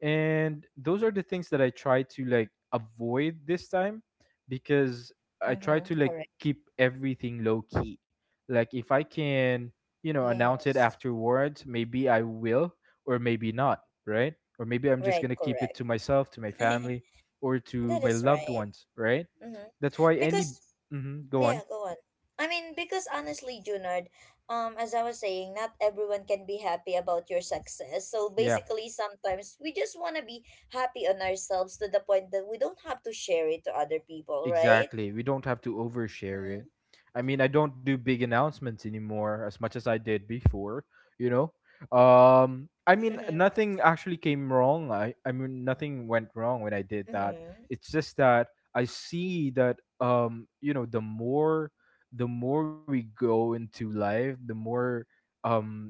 Speaker 2: And those are the things that I try to like avoid this time, because I try to
Speaker 1: Mm-hmm.
Speaker 2: like
Speaker 1: Correct.
Speaker 2: keep everything low key like if I can, you know, announce it
Speaker 1: Yes.
Speaker 2: afterwards, maybe I will, or maybe not, right? Or maybe I'm just
Speaker 1: Right,
Speaker 2: gonna keep it
Speaker 1: correct.
Speaker 2: to myself, to my family, or to
Speaker 1: That
Speaker 2: my
Speaker 1: is
Speaker 2: loved
Speaker 1: right.
Speaker 2: ones, right?
Speaker 1: Mm-hmm.
Speaker 2: That's why any
Speaker 1: Because
Speaker 2: hmm go on.
Speaker 1: yeah, go on. I mean, because honestly, Junard, um, as I was saying, not everyone can be happy about your success. So
Speaker 2: Yeah,
Speaker 1: basically, sometimes we just want to be happy on ourselves to the point that we don't have to share it to other people, right?
Speaker 2: exactly. We don't have to overshare it.
Speaker 1: Mm-hmm.
Speaker 2: I mean, I don't do big announcements anymore as much as I did before, you know? Um, I mean, nothing actually came wrong. I I mean, nothing went wrong when I did that.
Speaker 1: Mm-hmm.
Speaker 2: It's just that I see that um you know, the more the more we go into life, the more um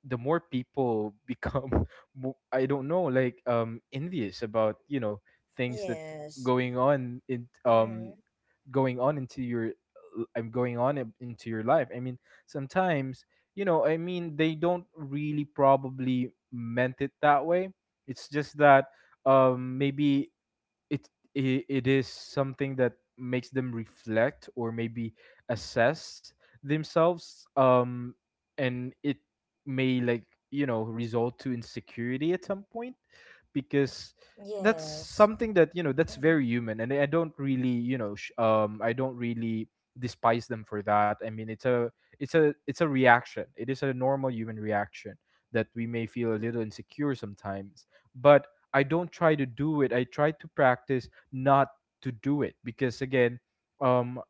Speaker 2: the more people become mo- I don't know, like um envious about, you know, things that's
Speaker 1: Yes.
Speaker 2: going on in um
Speaker 1: Mm-hmm.
Speaker 2: going on into your uh, I'm going on in- into your life. I mean, sometimes, you know, I mean, they don't really probably meant it that way. It's just that um maybe it i- it is something that makes them reflect, or maybe assess themselves. um and it may, like, you know, result to insecurity at some point, because that's
Speaker 1: Yes.
Speaker 2: something that, you know, that's very human, and I don't really, you know, sh- um I don't really despise them for that. I mean, it's a it's a it's a reaction. It is a normal human reaction that we may feel a little insecure sometimes. But I don't try to do it. I try to practice not to do it, because again, um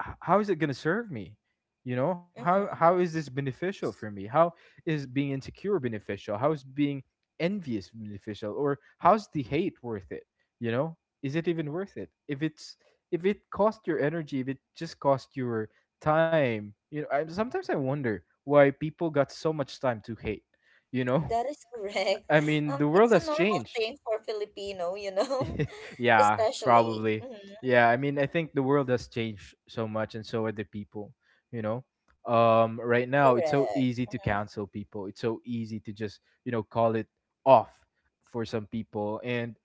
Speaker 2: h- how is it going to serve me? You know, how how
Speaker 1: Mm-hmm.
Speaker 2: is this beneficial for me? How is being insecure beneficial? How is being envious beneficial? Or how's the hate worth it? You know, is it even worth it if it's, if it cost your energy, if it just cost your time? You know, I, sometimes I wonder why people got so much time to hate, you know.
Speaker 1: That is correct.
Speaker 2: I mean,
Speaker 1: Um,
Speaker 2: the world
Speaker 1: it's a
Speaker 2: has
Speaker 1: normal
Speaker 2: changed.
Speaker 1: thing for Filipino, you know.
Speaker 2: Yeah,
Speaker 1: Especially.
Speaker 2: probably.
Speaker 1: Mm-hmm.
Speaker 2: Yeah, I mean, I think the world has changed so much, and so are the people. You know, um, right now it's so
Speaker 1: Correct.
Speaker 2: easy to
Speaker 1: Mm-hmm.
Speaker 2: cancel people. It's so easy to just, you know, call it off for some people. And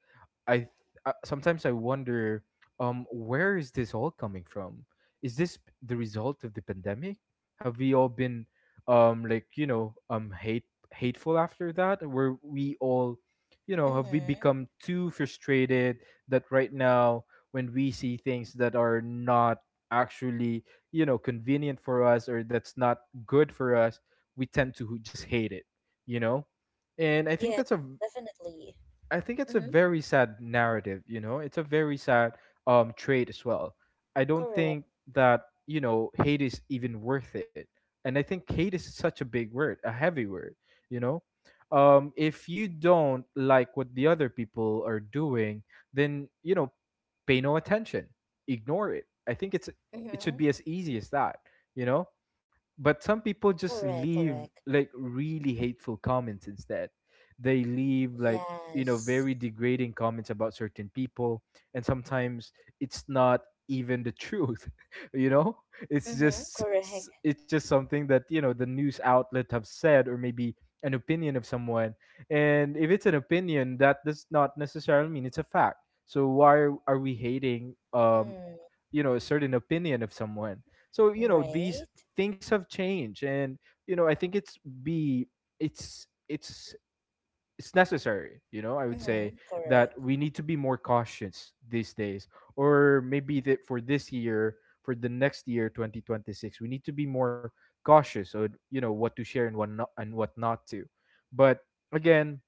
Speaker 2: I th- uh, sometimes I wonder, um, where is this all coming from? Is this p- the result of the pandemic? Have we all been, um, like you know, um, hate hateful after that? Were we all, you know, have we
Speaker 1: Mm-hmm.
Speaker 2: become too frustrated that right now when we see things that are not actually, you know, convenient for us, or that's not good for us, we tend to just hate it, you know? And I think
Speaker 1: Yeah,
Speaker 2: that's a
Speaker 1: definitely.
Speaker 2: I think it's a
Speaker 1: Mm-hmm.
Speaker 2: very sad narrative, you know. It's a very sad um trait as well. I don't
Speaker 1: Correct.
Speaker 2: think that, you know, hate is even worth it. And I think hate is such a big word, a heavy word, you know. Um, if you don't like what the other people are doing, then, you know, pay no attention. Ignore it. I think it's it should
Speaker 1: Mm-hmm.
Speaker 2: be as easy as that, you know? But some people just
Speaker 1: Correct.
Speaker 2: leave,
Speaker 1: Correct.
Speaker 2: like, really hateful comments. Instead they leave, like, you know,
Speaker 1: Yes.
Speaker 2: very degrading comments about certain people. And sometimes it's not even the truth, you know. It's
Speaker 1: Mm-hmm.
Speaker 2: just
Speaker 1: Correct.
Speaker 2: s- it's just something that, you know, the news outlet have said, or maybe an opinion of someone. And if it's an opinion, that does not necessarily mean it's a fact. So why are we hating, um
Speaker 1: Mm.
Speaker 2: you know, a certain opinion of someone? So you know, these
Speaker 1: Right.
Speaker 2: things have changed. And you know, I think it's be it's it's it's necessary, you know, I would say,
Speaker 1: Mm-hmm.
Speaker 2: that
Speaker 1: Correct.
Speaker 2: we need to be more cautious these days, or maybe that for this year, for the next year twenty twenty-six, we need to be more cautious on, you know, what to share and what not and what not to. But again,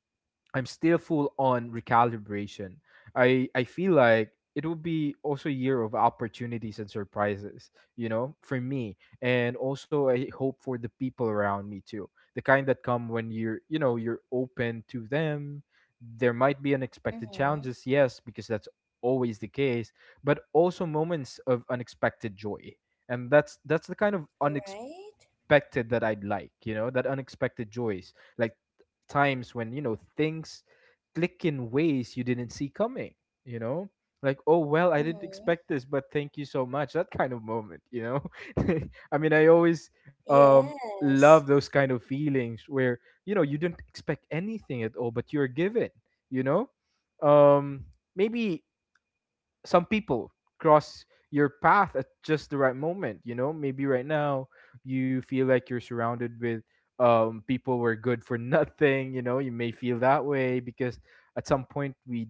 Speaker 2: I'm still full on recalibration. I I feel like it will be also a year of opportunities and surprises, you know, for me. And also I hope for the people around me too. The kind that come when you're, you know, you're open to them. There might be unexpected
Speaker 1: Mm-hmm.
Speaker 2: challenges, yes, because that's always the case, but also moments of unexpected joy. And that's that's the kind of
Speaker 1: Right.
Speaker 2: unexpected that I'd like, you know, that unexpected joys like times when you know things click in ways you didn't see coming, you know, like, oh well, I didn't
Speaker 1: Mm-hmm.
Speaker 2: expect this but thank you so much, that kind of moment, you know. I mean I always um
Speaker 1: Yes.
Speaker 2: love those kind of feelings where you know you didn't expect anything at all but you're given, you know um maybe some people cross your path at just the right moment, you know. Maybe right now you feel like you're surrounded with um people who are good for nothing, you know. You may feel that way because at some point we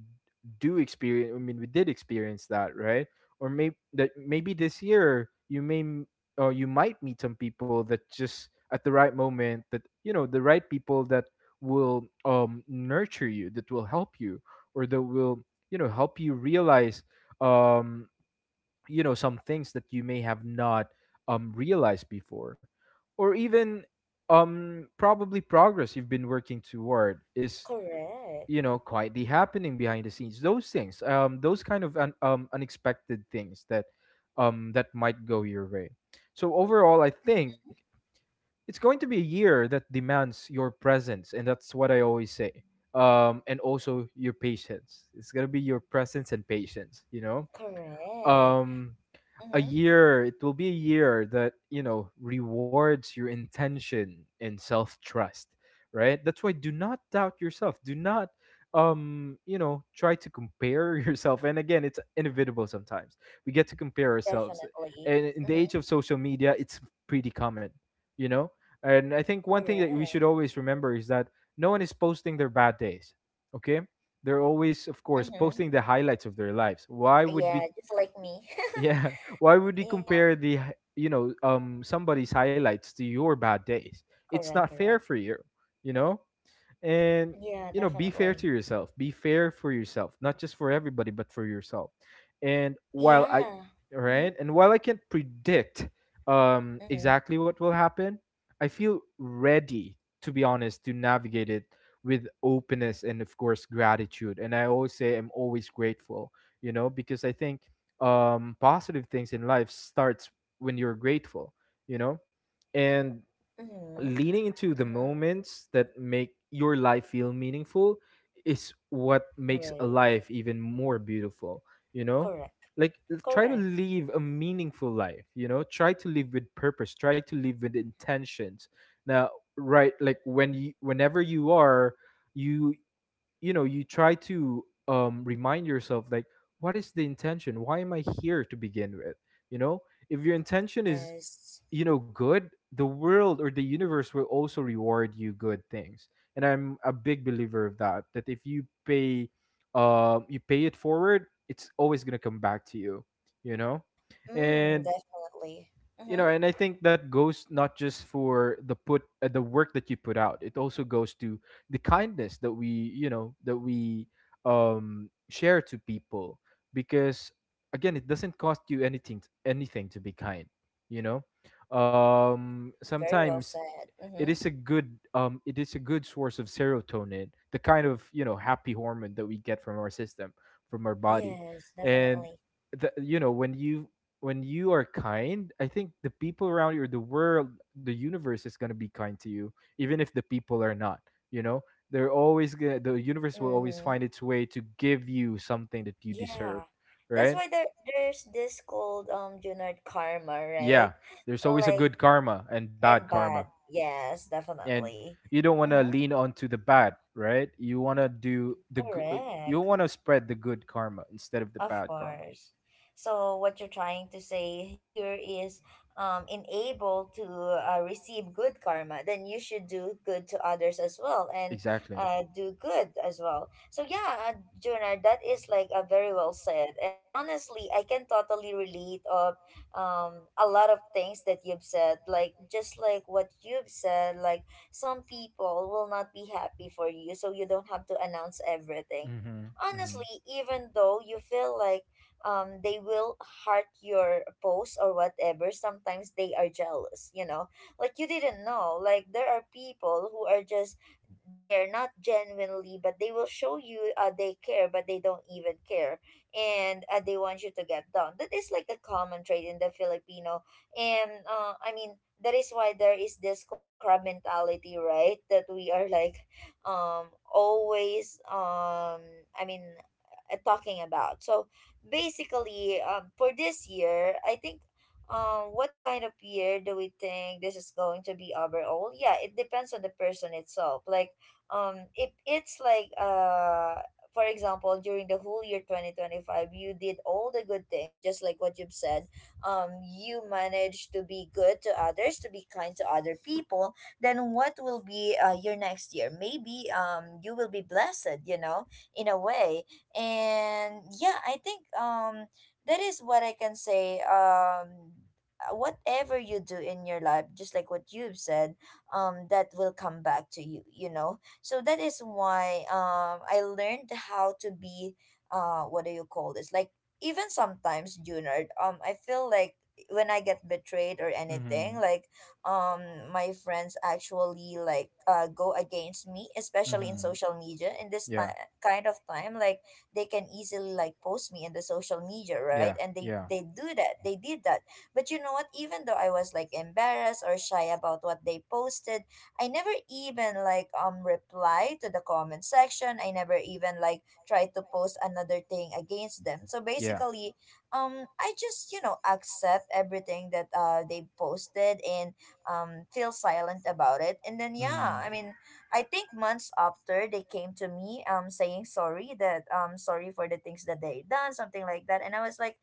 Speaker 2: do experience, I mean we did experience that, right? Or maybe that, maybe this year you may m- or you might meet some people that just at the right moment, that you know, the right people that will um nurture you, that will help you, or that will, you know, help you realize um you know some things that you may have not um realized before. Or even um probably progress you've been working toward is,
Speaker 1: Correct.
Speaker 2: you know, quietly happening behind the scenes. Those things, um those kind of un- um unexpected things that um that might go your way. So overall I
Speaker 1: Mm-hmm,
Speaker 2: think it's going to be a year that demands your presence, and that's what I always say, um and also your patience. It's going to be your presence and patience, you know.
Speaker 1: correct.
Speaker 2: um a
Speaker 1: Mm-hmm.
Speaker 2: year, it will be a year that, you know, rewards your intention and self-trust, right? That's why, do not doubt yourself, do not um you know try to compare yourself. And again, it's inevitable sometimes we get to compare ourselves,
Speaker 1: Definitely.
Speaker 2: and in the
Speaker 1: Mm-hmm.
Speaker 2: age of social media it's pretty common, you know. And I think one thing that we should
Speaker 1: Correct.
Speaker 2: always remember is that no one is posting their bad days, okay? They're always, of course,
Speaker 1: Mm-hmm.
Speaker 2: posting the highlights of their lives. Why would
Speaker 1: Yeah,
Speaker 2: we,
Speaker 1: just like me.
Speaker 2: yeah. Why would he
Speaker 1: Yeah,
Speaker 2: compare the hi- you know um somebody's highlights to your bad days? It's
Speaker 1: correct,
Speaker 2: not fair
Speaker 1: correct.
Speaker 2: for you. You know. And
Speaker 1: Yeah,
Speaker 2: you know, be fair
Speaker 1: definitely.
Speaker 2: to yourself, be fair for yourself, not just for everybody but for yourself. and while
Speaker 1: Yeah.
Speaker 2: i
Speaker 1: Mm-hmm.
Speaker 2: right, and while I can't predict um
Speaker 1: Mm-hmm.
Speaker 2: exactly what will happen, I feel ready, to be honest, to navigate it with openness and of course gratitude. And I always say I'm always grateful, you know, because I think um positive things in life starts when you're grateful, you know. And leaning into the
Speaker 1: Mm-hmm.
Speaker 2: moments that make your life feel meaningful is what makes a
Speaker 1: Right.
Speaker 2: life even more beautiful, you know.
Speaker 1: Correct.
Speaker 2: Like, l- try to
Speaker 1: Correct.
Speaker 2: live a meaningful life, you know, try to live with purpose, try to live with intentions now, right? Like when you, whenever you are, you you know, you try to um remind yourself like, what is the intention, why am I here to begin with, you know? If your intention is,
Speaker 1: Yes.
Speaker 2: you know, good, the world or the universe will also reward you good things. And I'm a big believer of that, that if you pay, um you pay it forward, it's always going to come back to you, you know.
Speaker 1: Mm,
Speaker 2: And
Speaker 1: definitely.
Speaker 2: you
Speaker 1: Mm-hmm.
Speaker 2: know, and I think that goes not just for the put uh, the work that you put out, it also goes to the kindness that we, you know, that we um share to people. Because again, it doesn't cost you anything anything to be kind, you know. Um
Speaker 1: Very well
Speaker 2: sometimes
Speaker 1: said.
Speaker 2: it
Speaker 1: Mm-hmm.
Speaker 2: is a good um it is a good source of serotonin, the kind of, you know, happy hormone that we get from our system, from our body.
Speaker 1: Yes,
Speaker 2: And
Speaker 1: definitely.
Speaker 2: the, you know, when you, when you are kind, I think the people around you or the world, the universe is going to be kind to you, even if the people are not, you know. They're always gonna, the universe will always
Speaker 1: Mm-hmm.
Speaker 2: find its way to give you something that you
Speaker 1: Yeah.
Speaker 2: deserve,
Speaker 1: That's
Speaker 2: right?
Speaker 1: why there there's this called um Junard karma,
Speaker 2: Yeah,
Speaker 1: right?
Speaker 2: there's always a
Speaker 1: Like
Speaker 2: good karma and bad
Speaker 1: and
Speaker 2: karma.
Speaker 1: bad. Yes,
Speaker 2: And
Speaker 1: definitely.
Speaker 2: you don't want to
Speaker 1: Mm-hmm.
Speaker 2: lean onto the bad, right? You want to do the g- uh, you
Speaker 1: Correct.
Speaker 2: want to spread the good karma instead of the
Speaker 1: Of
Speaker 2: bad karma.
Speaker 1: course. So what you're trying to say here is um enable to uh, receive good karma, then you should do good to others as well and
Speaker 2: Exactly.
Speaker 1: uh do good as well. So yeah, uh, Junard, that is like a very well said. And honestly, I can totally relate of um a lot of things that you've said. Like just like what you've said, like some people will not be happy for you, so you don't have to announce everything
Speaker 2: Hmm, hmm.
Speaker 1: honestly, even though you feel like um they will heart your post or whatever. Sometimes they are jealous, you know? Like you didn't know. Like there are people who are just there not genuinely, but they will show you uh, they care but they don't even care and uh, they want you to get down. That is like a common trait in the filipino. And uh, I mean that is why there is this called crab mentality, right? That we are like um always um i mean uh, talking about. So basically um for this year I think um what kind of year do we think this is going to be overall? Yeah, it depends on the person itself. Like um if it's like uh for example, during the whole year twenty twenty-five you did all the good things just like what you've said, um you managed to be good to others, to be kind to other people, then what will be uh, your next year? Maybe um you will be blessed, you know, in a way. And yeah, I think um that is what I can say. Um uh, whatever you do in your life, just like what you've said, um that will come back to you, you know. So that is why um I learned how to be uh what do you call this, like even sometimes, Junard, um I feel like when I get betrayed or anything, like um my friends actually like uh go against me, especially in social media in this ti- kind of time. Like they can easily like post me in the social media, right? And they they do that, they did that.
Speaker 2: They.
Speaker 1: But you know what, even though I was like embarrassed or shy about what they posted, I never even like um reply to the comment section, I never even like try to post another thing against them. So basically um I just, you know, accept everything that uh they posted and um, feel silent about it. And then yeah, I mean, I think months after, they came to me um, saying sorry, that um, sorry for the things that they done, something like that. And I was like,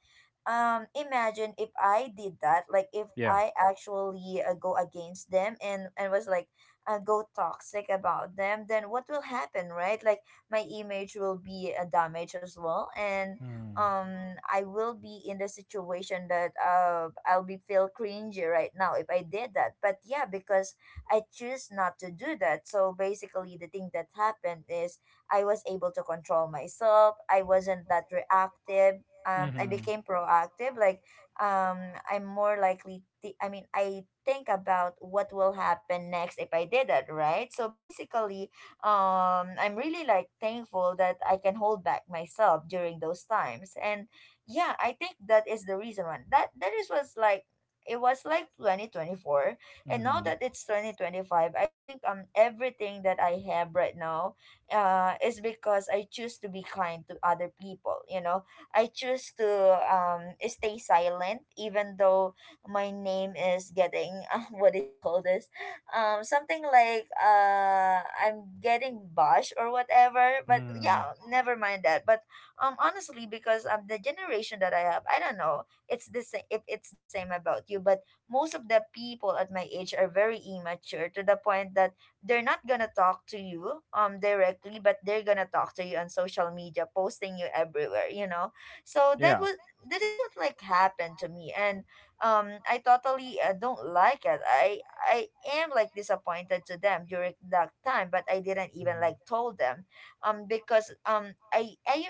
Speaker 1: um, imagine if I did that, like if
Speaker 2: Yeah,
Speaker 1: I actually uh, go against them and, and was like uh, go toxic about them, then what will happen, right? Like, my image will be uh, damaged as well and
Speaker 2: and.
Speaker 1: um I will be in the situation that uh I'll be feel cringy right now if I did that. But yeah, because I choose not to do that. So basically the thing that happened is I was able to control myself. I wasn't that reactive. Um I
Speaker 2: Mm-hmm.
Speaker 1: became proactive. Like um I'm more likely th- I mean I think about what will happen next if I did that, right? So basically um I'm really like thankful that I can hold back myself during those times. And yeah, I think that is the reason why that that is was like, it was like
Speaker 2: It.
Speaker 1: twenty twenty-four, and
Speaker 2: Mm-hmm.
Speaker 1: now that it's twenty twenty-five, I think um everything that I have right now uh is because I choose to be kind to other people, you know. I choose to um stay silent even though my name is getting uh, what do you call this, um something like uh I'm getting bash or whatever. But
Speaker 2: Mm.
Speaker 1: yeah, never mind that. But um honestly, because um the generation that I have, I don't know, it's the same if it's the same about you, but most of the people at my age are very immature to the point that they're not gonna talk to you um directly, but they're gonna talk to you on social media, posting you everywhere, you know. So
Speaker 2: Yeah.
Speaker 1: that was that is what like happened to me and um I totally uh, don't like it. I I am like disappointed to them during that time, but I didn't even
Speaker 2: Mm.
Speaker 1: like told them, um, because um, I I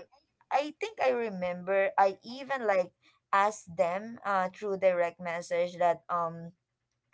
Speaker 1: I think I remember I even like asked them uh through direct message that um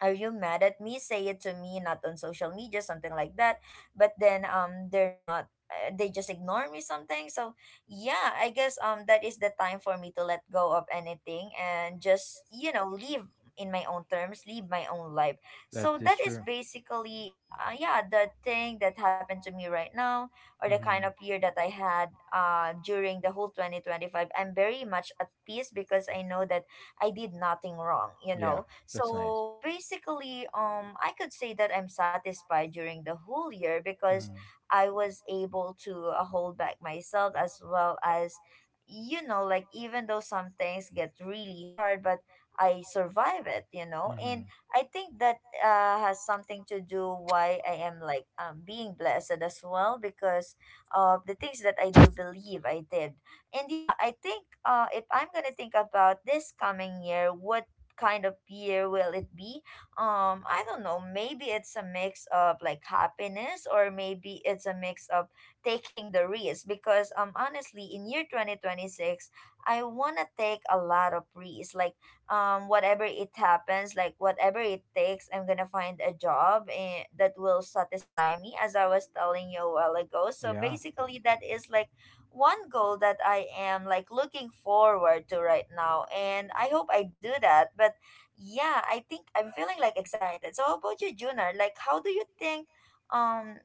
Speaker 1: are you mad at me, say it to me, not on social media, something like that. But then um they're not uh, they just ignore me, something. So yeah, I guess um that is the time for me to let go of anything and just you know live in my own terms, live my own life.
Speaker 2: That
Speaker 1: So
Speaker 2: is
Speaker 1: that
Speaker 2: true.
Speaker 1: is basically uh, yeah, the thing that happened to me right now, or the kind
Speaker 2: Hmm.
Speaker 1: of year that I had uh during the whole twenty twenty-five. I'm very much at peace because I know that I did nothing wrong you
Speaker 2: Yeah,
Speaker 1: know
Speaker 2: that's nice.
Speaker 1: So basically, um, I could say that I'm satisfied during the whole year because
Speaker 2: Hmm.
Speaker 1: I was able to uh, hold back myself, as well as, you know, like, even though some things get really hard, but I survive it, you know. And
Speaker 2: Hmm.
Speaker 1: I think that uh, has something to do why I am like um, being blessed as well because of the things that I do believe I did. And yeah, I think uh, if I'm gonna think about this coming year, what kind of year will it be? Um, I don't know. Maybe it's a mix of like happiness, or maybe it's a mix of taking the risk. Because um, honestly, in year twenty twenty six, I wanna take a lot of risks. Like um, whatever it happens, like whatever it takes, I'm gonna find a job, eh, that will satisfy me, as I was telling you a while ago. So
Speaker 2: Yeah.
Speaker 1: basically, that is like one goal that I am like looking forward to right now, and I hope I do that. But yeah, I think I'm feeling like excited. So how about you, Junar? Like, how do you think um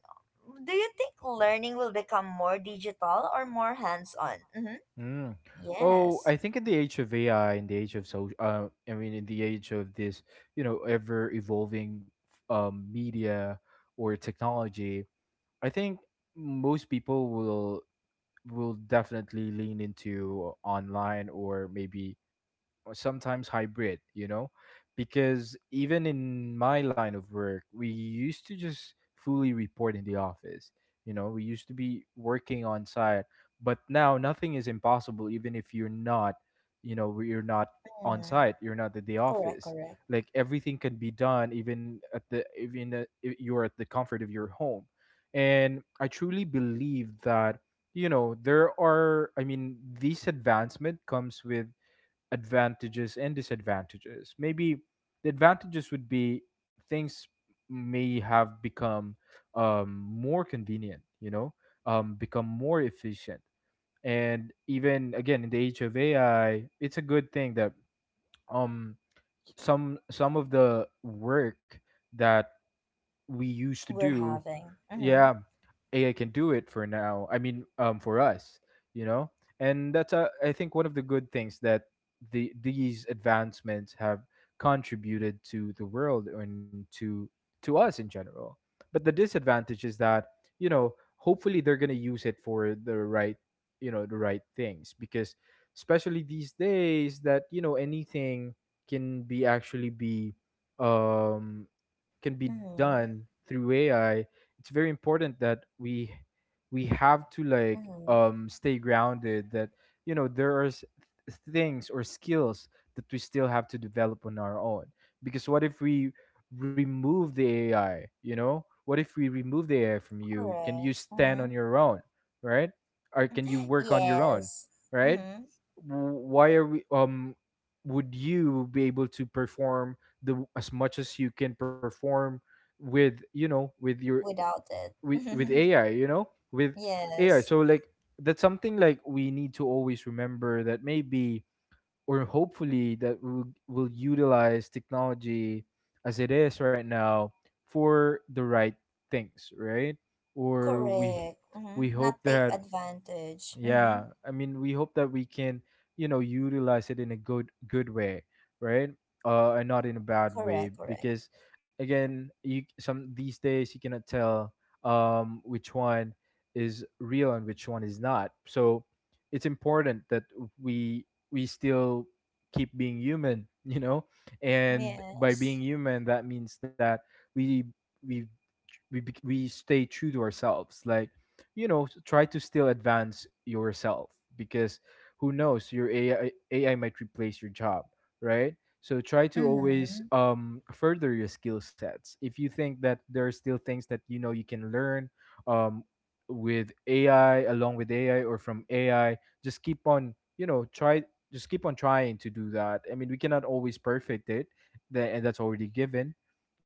Speaker 1: do you think learning will become more digital or more hands-on? Mm-hmm.
Speaker 2: Mm. Oh,
Speaker 1: Yes.
Speaker 2: I think in the age of A I, in the age of social, uh, I mean, in the age of this, you know, ever evolving um, media or technology, I think most people will will definitely lean into online, or maybe or sometimes hybrid, you know? Because even in my line of work, we used to just fully report in the office. You know, we used to be working on site, but now nothing is impossible even if you're not, you know, you're not on
Speaker 1: Mm,
Speaker 2: site, you're not at the
Speaker 1: correct,
Speaker 2: office.
Speaker 1: correct.
Speaker 2: Like everything can be done even at the even at- if you're at the comfort of your home. And I truly believe that, you know, there are, I mean, this advancement comes with advantages and disadvantages. Maybe the advantages would be things may have become um, more convenient, you know, um, become more efficient. And even again, in the age of A I, it's a good thing that um, some some of the work that we used to
Speaker 1: We're
Speaker 2: do,
Speaker 1: having. Mm-hmm.
Speaker 2: yeah, A I can do it for now. I mean, um, for us, you know, and that's uh, I think one of the good things that the these advancements have contributed to the world and to to us in general. But the disadvantage is that, you know, hopefully they're gonna use it for the right, you know, the right things, because especially these days that, you know, anything can be actually be um can be
Speaker 1: Mm-hmm.
Speaker 2: done through A I, it's very important that we we have to like
Speaker 1: Mm-hmm.
Speaker 2: um stay grounded that, you know, there are s- things or skills that we still have to develop on our own. Because what if we remove the A I, you know? What if we remove the A I from you? Can
Speaker 1: Correct.
Speaker 2: you stand
Speaker 1: Mm-hmm.
Speaker 2: on your own, right? Or can you work on your own,
Speaker 1: Yes.
Speaker 2: right?
Speaker 1: Mm-hmm.
Speaker 2: W- Why are we um would you be able to perform the as much as you can perform with, you know, with your
Speaker 1: Without it.
Speaker 2: with with AI, you know, with AI.
Speaker 1: Yes.
Speaker 2: So like, that's something like we need to always remember that maybe or hopefully that we'll, we'll utilize technology as it is right now for the right things, right? Or we
Speaker 1: Correct.
Speaker 2: we
Speaker 1: Mm-hmm. Not
Speaker 2: hope
Speaker 1: take
Speaker 2: that,
Speaker 1: advantage. Mm-hmm.
Speaker 2: yeah, I mean, we hope that we can, you know, utilize it in a good good way, right? Uh, and not in a bad way,
Speaker 1: Correct, correct.
Speaker 2: because again, you some these days you cannot tell um which one is real and which one is not. So it's important that we we still keep being human, you know, and by
Speaker 1: Yes.
Speaker 2: being human, that means that we we we bec- we stay true to ourselves, like, you know, s- try to still advance yourself, because who knows, your A I A I might replace your job, right? So try to always
Speaker 1: Mm-hmm.
Speaker 2: um, further your skill sets. If you think that there are still things that, you know, you can learn um, with A I, along with A I or from A I, just keep on, you know, try just keep on trying to do that. I mean, we cannot always perfect it, that and that's already given,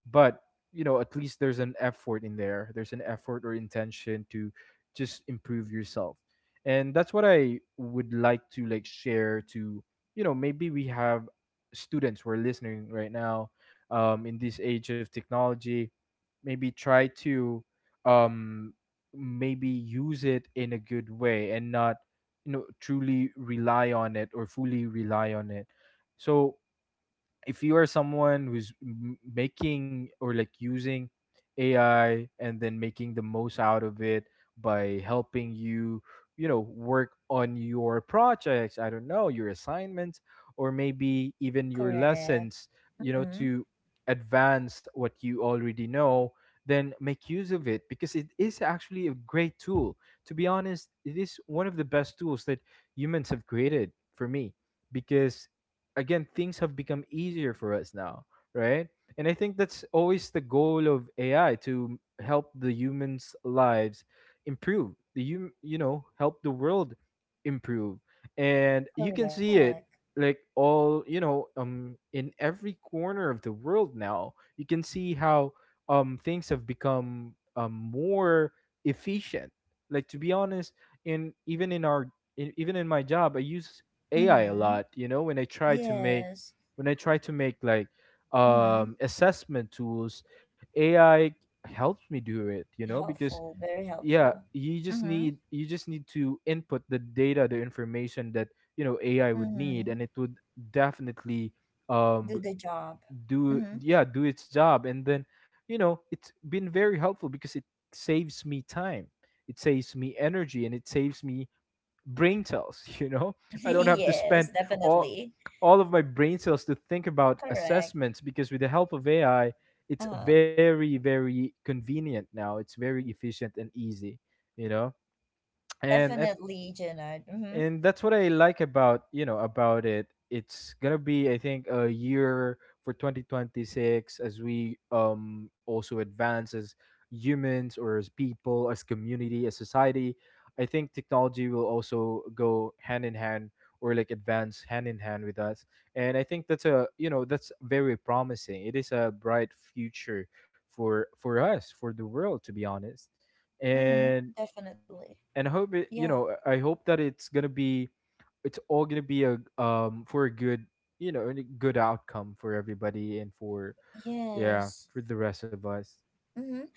Speaker 2: but, you know, at least there's an effort in there. There's an effort or intention to just improve yourself. And that's what I would like to like share to, you know, maybe we have students who are listening right now, um, in this age of technology, maybe try to um, maybe use it in a good way and not, you know, truly rely on it or fully rely on it. So if you are someone who's m- making or like using A I and then making the most out of it by helping you, you know, work on your projects, I don't know, your assignments, or maybe even your
Speaker 1: Correct.
Speaker 2: lessons, you know,
Speaker 1: Mm-hmm.
Speaker 2: to advance what you already know, then make use of it because it is actually a great tool. To be honest, it is one of the best tools that humans have created for me, because again, things have become easier for us now, right? And I think that's always the goal of AI, to help the humans lives improve, the hum- you know, help the world improve. And you can see it
Speaker 1: Correct.
Speaker 2: like, all, you know, um in every corner of the world now you can see how um things have become um more efficient. Like to be honest, in even in our, in, even in my job I use A I a
Speaker 1: Mm-hmm.
Speaker 2: lot. You know, when I try to make,
Speaker 1: Yes.
Speaker 2: when I try to make like
Speaker 1: Mm-hmm.
Speaker 2: um assessment tools, A I helps me do it, you know, because
Speaker 1: Helpful. Very
Speaker 2: yeah,
Speaker 1: helpful.
Speaker 2: you just
Speaker 1: Mm-hmm.
Speaker 2: need, you just need to input the data, the information that, you know, A I would need,
Speaker 1: Mm-hmm.
Speaker 2: and it would definitely um
Speaker 1: Do the job.
Speaker 2: do,
Speaker 1: Mm-hmm.
Speaker 2: yeah, do its job. And then, you know, it's been very helpful because it saves me time. It saves me energy and it saves me brain cells you know I don't have to spend
Speaker 1: Yes,
Speaker 2: all
Speaker 1: definitely.
Speaker 2: all of my brain cells to think about
Speaker 1: Correct.
Speaker 2: assessments because with the help of AI it's
Speaker 1: Uh,
Speaker 2: very very convenient now. It's very efficient and easy, you know and i
Speaker 1: definitely, Jenna. Mm-hmm.
Speaker 2: and that's what I like about, you know about it. It's gonna be, I think, a year for twenty twenty-six as we um also advance as humans, or as people, as community, as society. I think technology will also go hand in hand, or like advance hand in hand with us. And I think that's a, you know that's very promising. It is a bright future for for us, for the world, to be honest.
Speaker 1: Mm-hmm.
Speaker 2: And
Speaker 1: Definitely.
Speaker 2: and I hope it, you
Speaker 1: Yeah.
Speaker 2: know I hope that it's gonna be, it's all gonna be a um for a good, you know a good outcome for everybody, and for yeah,
Speaker 1: Yes.
Speaker 2: for the rest of us.
Speaker 1: Mm-hmm.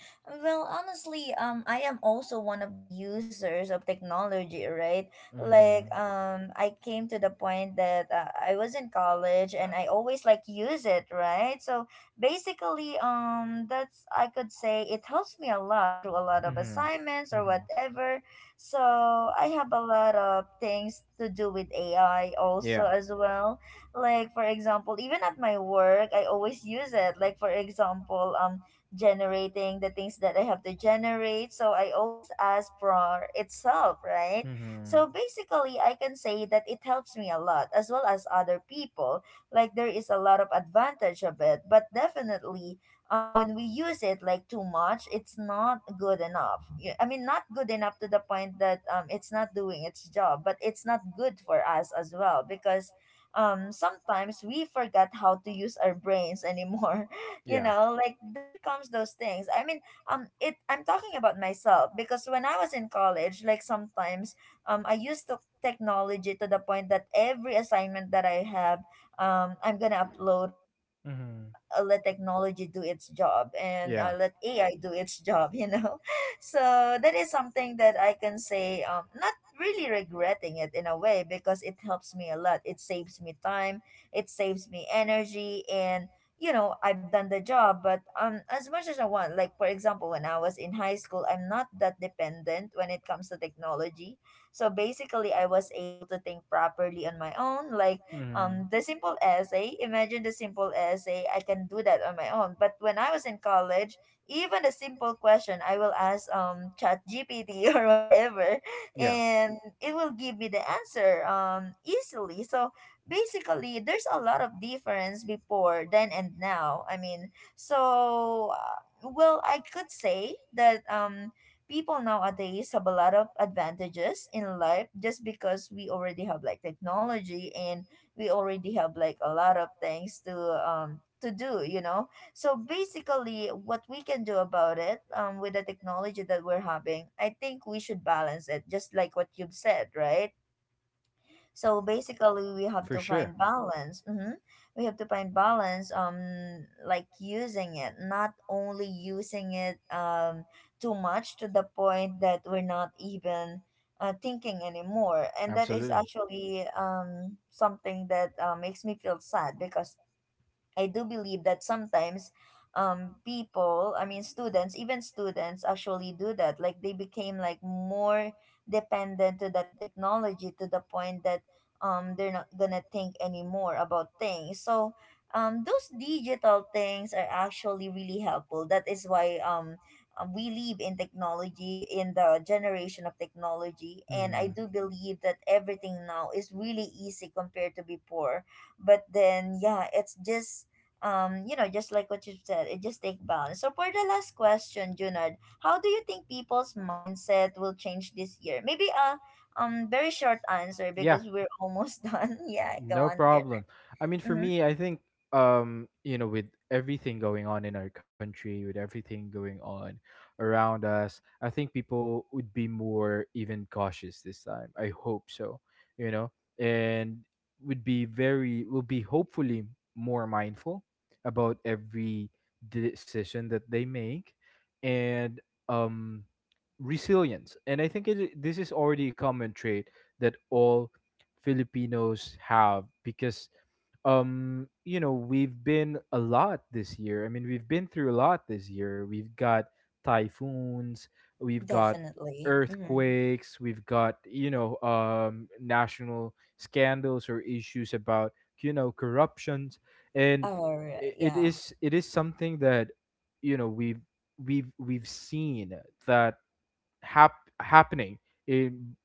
Speaker 1: Well, honestly, um, I am also one of the users of technology, right?
Speaker 2: Mm-hmm.
Speaker 1: Like, um, I came to the point that uh, I was in college and I always like use it, right? So basically, um, that's, I could say it helps me a lot through a lot of
Speaker 2: Mm-hmm.
Speaker 1: assignments or
Speaker 2: Mm-hmm.
Speaker 1: whatever. So I have a lot of things to do with A I also
Speaker 2: Yeah.
Speaker 1: as well. Like for example, even at my work, I always use it. Like for example, um generating the things that I have to generate. So I always ask for itself, right?
Speaker 2: Mm-hmm.
Speaker 1: So basically, I can say that it helps me a lot as well as other people. Like there is a lot of advantage of it, but definitely, um, when we use it like too much, it's not good enough. Y- I mean, not good enough to the point that um, it's not doing its job, but it's not good for us as well, because um sometimes we forget how to use our brains anymore, you
Speaker 2: Yeah.
Speaker 1: know. Like, there comes those things, I mean, um it, I'm talking about myself, because when I was in college, like sometimes um I used to technology to the point that every assignment that I have, um I'm gonna upload it and then, yeah,
Speaker 2: Mm-hmm.
Speaker 1: uh, let technology do its job, and
Speaker 2: Yeah.
Speaker 1: uh, let AI do its job, you know. So that is something that I can say, um not really regretting it in a way because it helps me a lot, it saves me time, it saves me energy, and you know, I've done the job. But um as much as I want, like for example, when I was in high school, I'm not that dependent when it comes to technology. So basically, I was able to think properly on my own. Like,
Speaker 2: Hmm.
Speaker 1: um the simple essay, imagine, the simple essay I can do that on my own. But when I was in college, even a simple question I will ask um chat gpt or whatever,
Speaker 2: Yeah.
Speaker 1: and it will give me the answer um easily. So basically, there's a lot of difference before then and now, I mean. So uh, well, I could say that um people nowadays have a lot of advantages in life just because we already have like technology, and we already have like a lot of things to um to do, you know. So basically, what we can do about it, um with the technology that we're having, I think we should balance it, just like what you've said, right?
Speaker 2: Yeah.
Speaker 1: So basically, we have to find balance. Hmm. We have to find balance. Um, like using it, not only using it um too much to the point that we're not even uh, thinking anymore. And that is actually um something that uh, makes me feel sad, because I do believe that sometimes um people, I mean students, even students actually do that. Like, they became like more dependent to that technology to the point that um they're not gonna think anymore about things. So um those digital things are actually really helpful. That is why um uh, we live in technology, in the generation of technology, and I
Speaker 2: Hmm.
Speaker 1: do believe that everything now is really easy compared to before. But then, yeah, it's just um, you know, just like what you said, it just take balance. So for the last question, Junard, how do you think people's mindset will change this year? Maybe a um very short answer because we're almost done. Yeah, go
Speaker 2: No
Speaker 1: on,
Speaker 2: problem.
Speaker 1: Junard.
Speaker 2: I mean, for
Speaker 1: Mm-hmm.
Speaker 2: me, I think, um, you know, with everything going on in our country, with everything going on around us, I think people would be more even cautious this time. I hope so, you know, and would be very, will be hopefully more mindful about every decision that they make. And um resilience. And I think it, this is already a common trait that all Filipinos have because um you know we've been a lot this year. I mean, we've been through a lot this year. We've got typhoons, we've got
Speaker 1: Definitely. Mm-hmm.
Speaker 2: earthquakes, we've got, you know um national scandals or issues about, you know corruptions. And
Speaker 1: All right.
Speaker 2: i- it
Speaker 1: Yeah.
Speaker 2: is, it is something that, you know we've we've we've seen that hap- happening in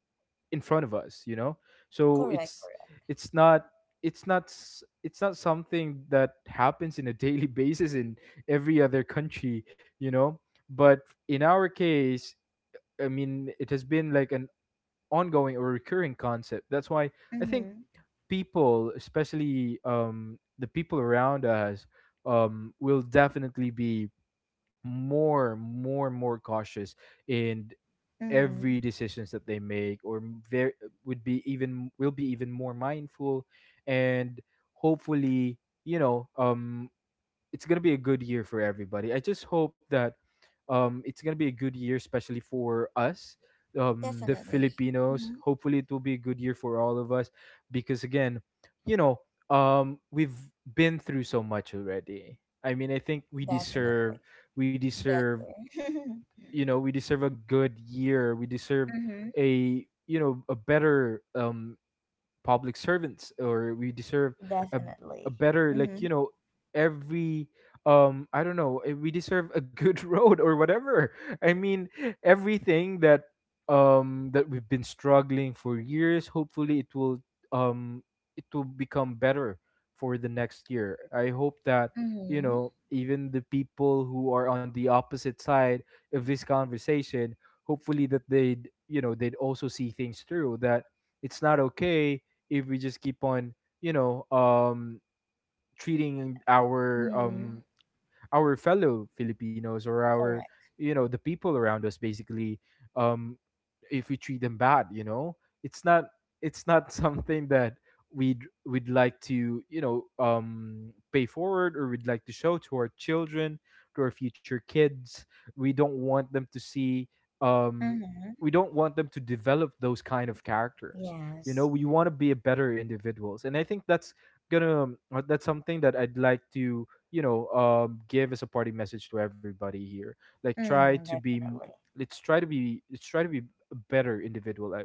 Speaker 2: in front of us, you know. So
Speaker 1: Correct.
Speaker 2: it's,
Speaker 1: Correct.
Speaker 2: it's not it's not s- it's not something that happens in a daily basis in every other country, you know. But in our case, I mean it has been like an ongoing or recurring concept. That's why I think
Speaker 1: Mm-hmm.
Speaker 2: people, especially um the people around us, um will definitely be more more more cautious in
Speaker 1: Mm-hmm.
Speaker 2: every decisions that they make. Or very, would be even, will be even more mindful, and hopefully, you know um it's going to be a good year for everybody. I just hope that um it's going to be a good year, especially for us, um the
Speaker 1: Definitely.
Speaker 2: Filipinos.
Speaker 1: Mm-hmm.
Speaker 2: Hopefully it will be a good year for all of us, because again, you know um we've been through so much already. I mean, I think we
Speaker 1: Definitely.
Speaker 2: deserve, we deserve
Speaker 1: Better.
Speaker 2: you know we deserve a good year. We deserve
Speaker 1: Mm-hmm.
Speaker 2: a, you know a better um public servants, or we deserve a, a
Speaker 1: Definitely.
Speaker 2: better, like,
Speaker 1: Mm-hmm.
Speaker 2: you know, every um I don't know, eh, we deserve a good road or whatever. I mean, everything that um that we've been struggling for years, hopefully it will, um it will become better for the next year. I hope that, you
Speaker 1: Mm-hmm.
Speaker 2: know even the people who are on the opposite side of this conversation, hopefully that they'd, you know they'd also see things through, that it's not okay if we just keep on, you know um treating our
Speaker 1: Mm-hmm.
Speaker 2: um our fellow Filipinos, or our,
Speaker 1: Correct.
Speaker 2: you know the people around us. Basically, um if we treat them bad, you know, it's not, it's not something that we'd we'd like to, you know um pay forward, or we'd like to show to our children, to our future kids. We don't want them to see um
Speaker 1: Mm-hmm.
Speaker 2: we don't want them to develop those kind of characters, you know.
Speaker 1: Yes.
Speaker 2: We want to be a better individuals, and I think that's gonna, that's something that I'd like to, you know um give a supporting message to everybody here. Like, try
Speaker 1: Mm,
Speaker 2: to be m-
Speaker 1: definitely.
Speaker 2: let's try to be let's try to be a better individual, uh,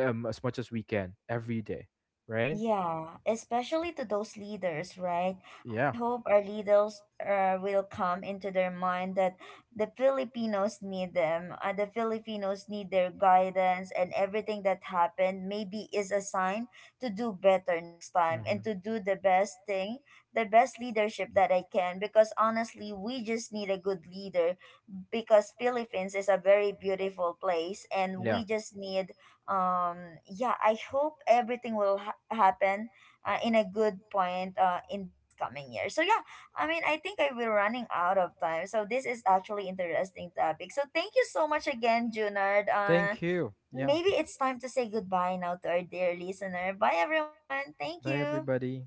Speaker 2: um as much as we can every day, right?
Speaker 1: Yeah, especially to those leaders, right? I
Speaker 2: Yeah.
Speaker 1: hope our leaders uh, will come into their mind that the Filipinos need them. Uh, the Filipinos need their guidance, and everything that happened maybe is a sign to do better next time and
Speaker 2: Hmm.
Speaker 1: to do the best thing, the best leadership that I can. Because honestly, we just need a good leader, because Philippines is a very beautiful place and
Speaker 2: Yeah.
Speaker 1: we just need um yeah, I hope everything will ha- happen uh, in a good point uh, in this coming year. So yeah, I mean, I think I will running out of time. So this is actually interesting topic. So thank you so much again, Junard. Uh
Speaker 2: Thank you. Yeah.
Speaker 1: maybe it's time to say goodbye now to our dear listener. Bye everyone. Thank
Speaker 2: Bye,
Speaker 1: you.
Speaker 2: everybody.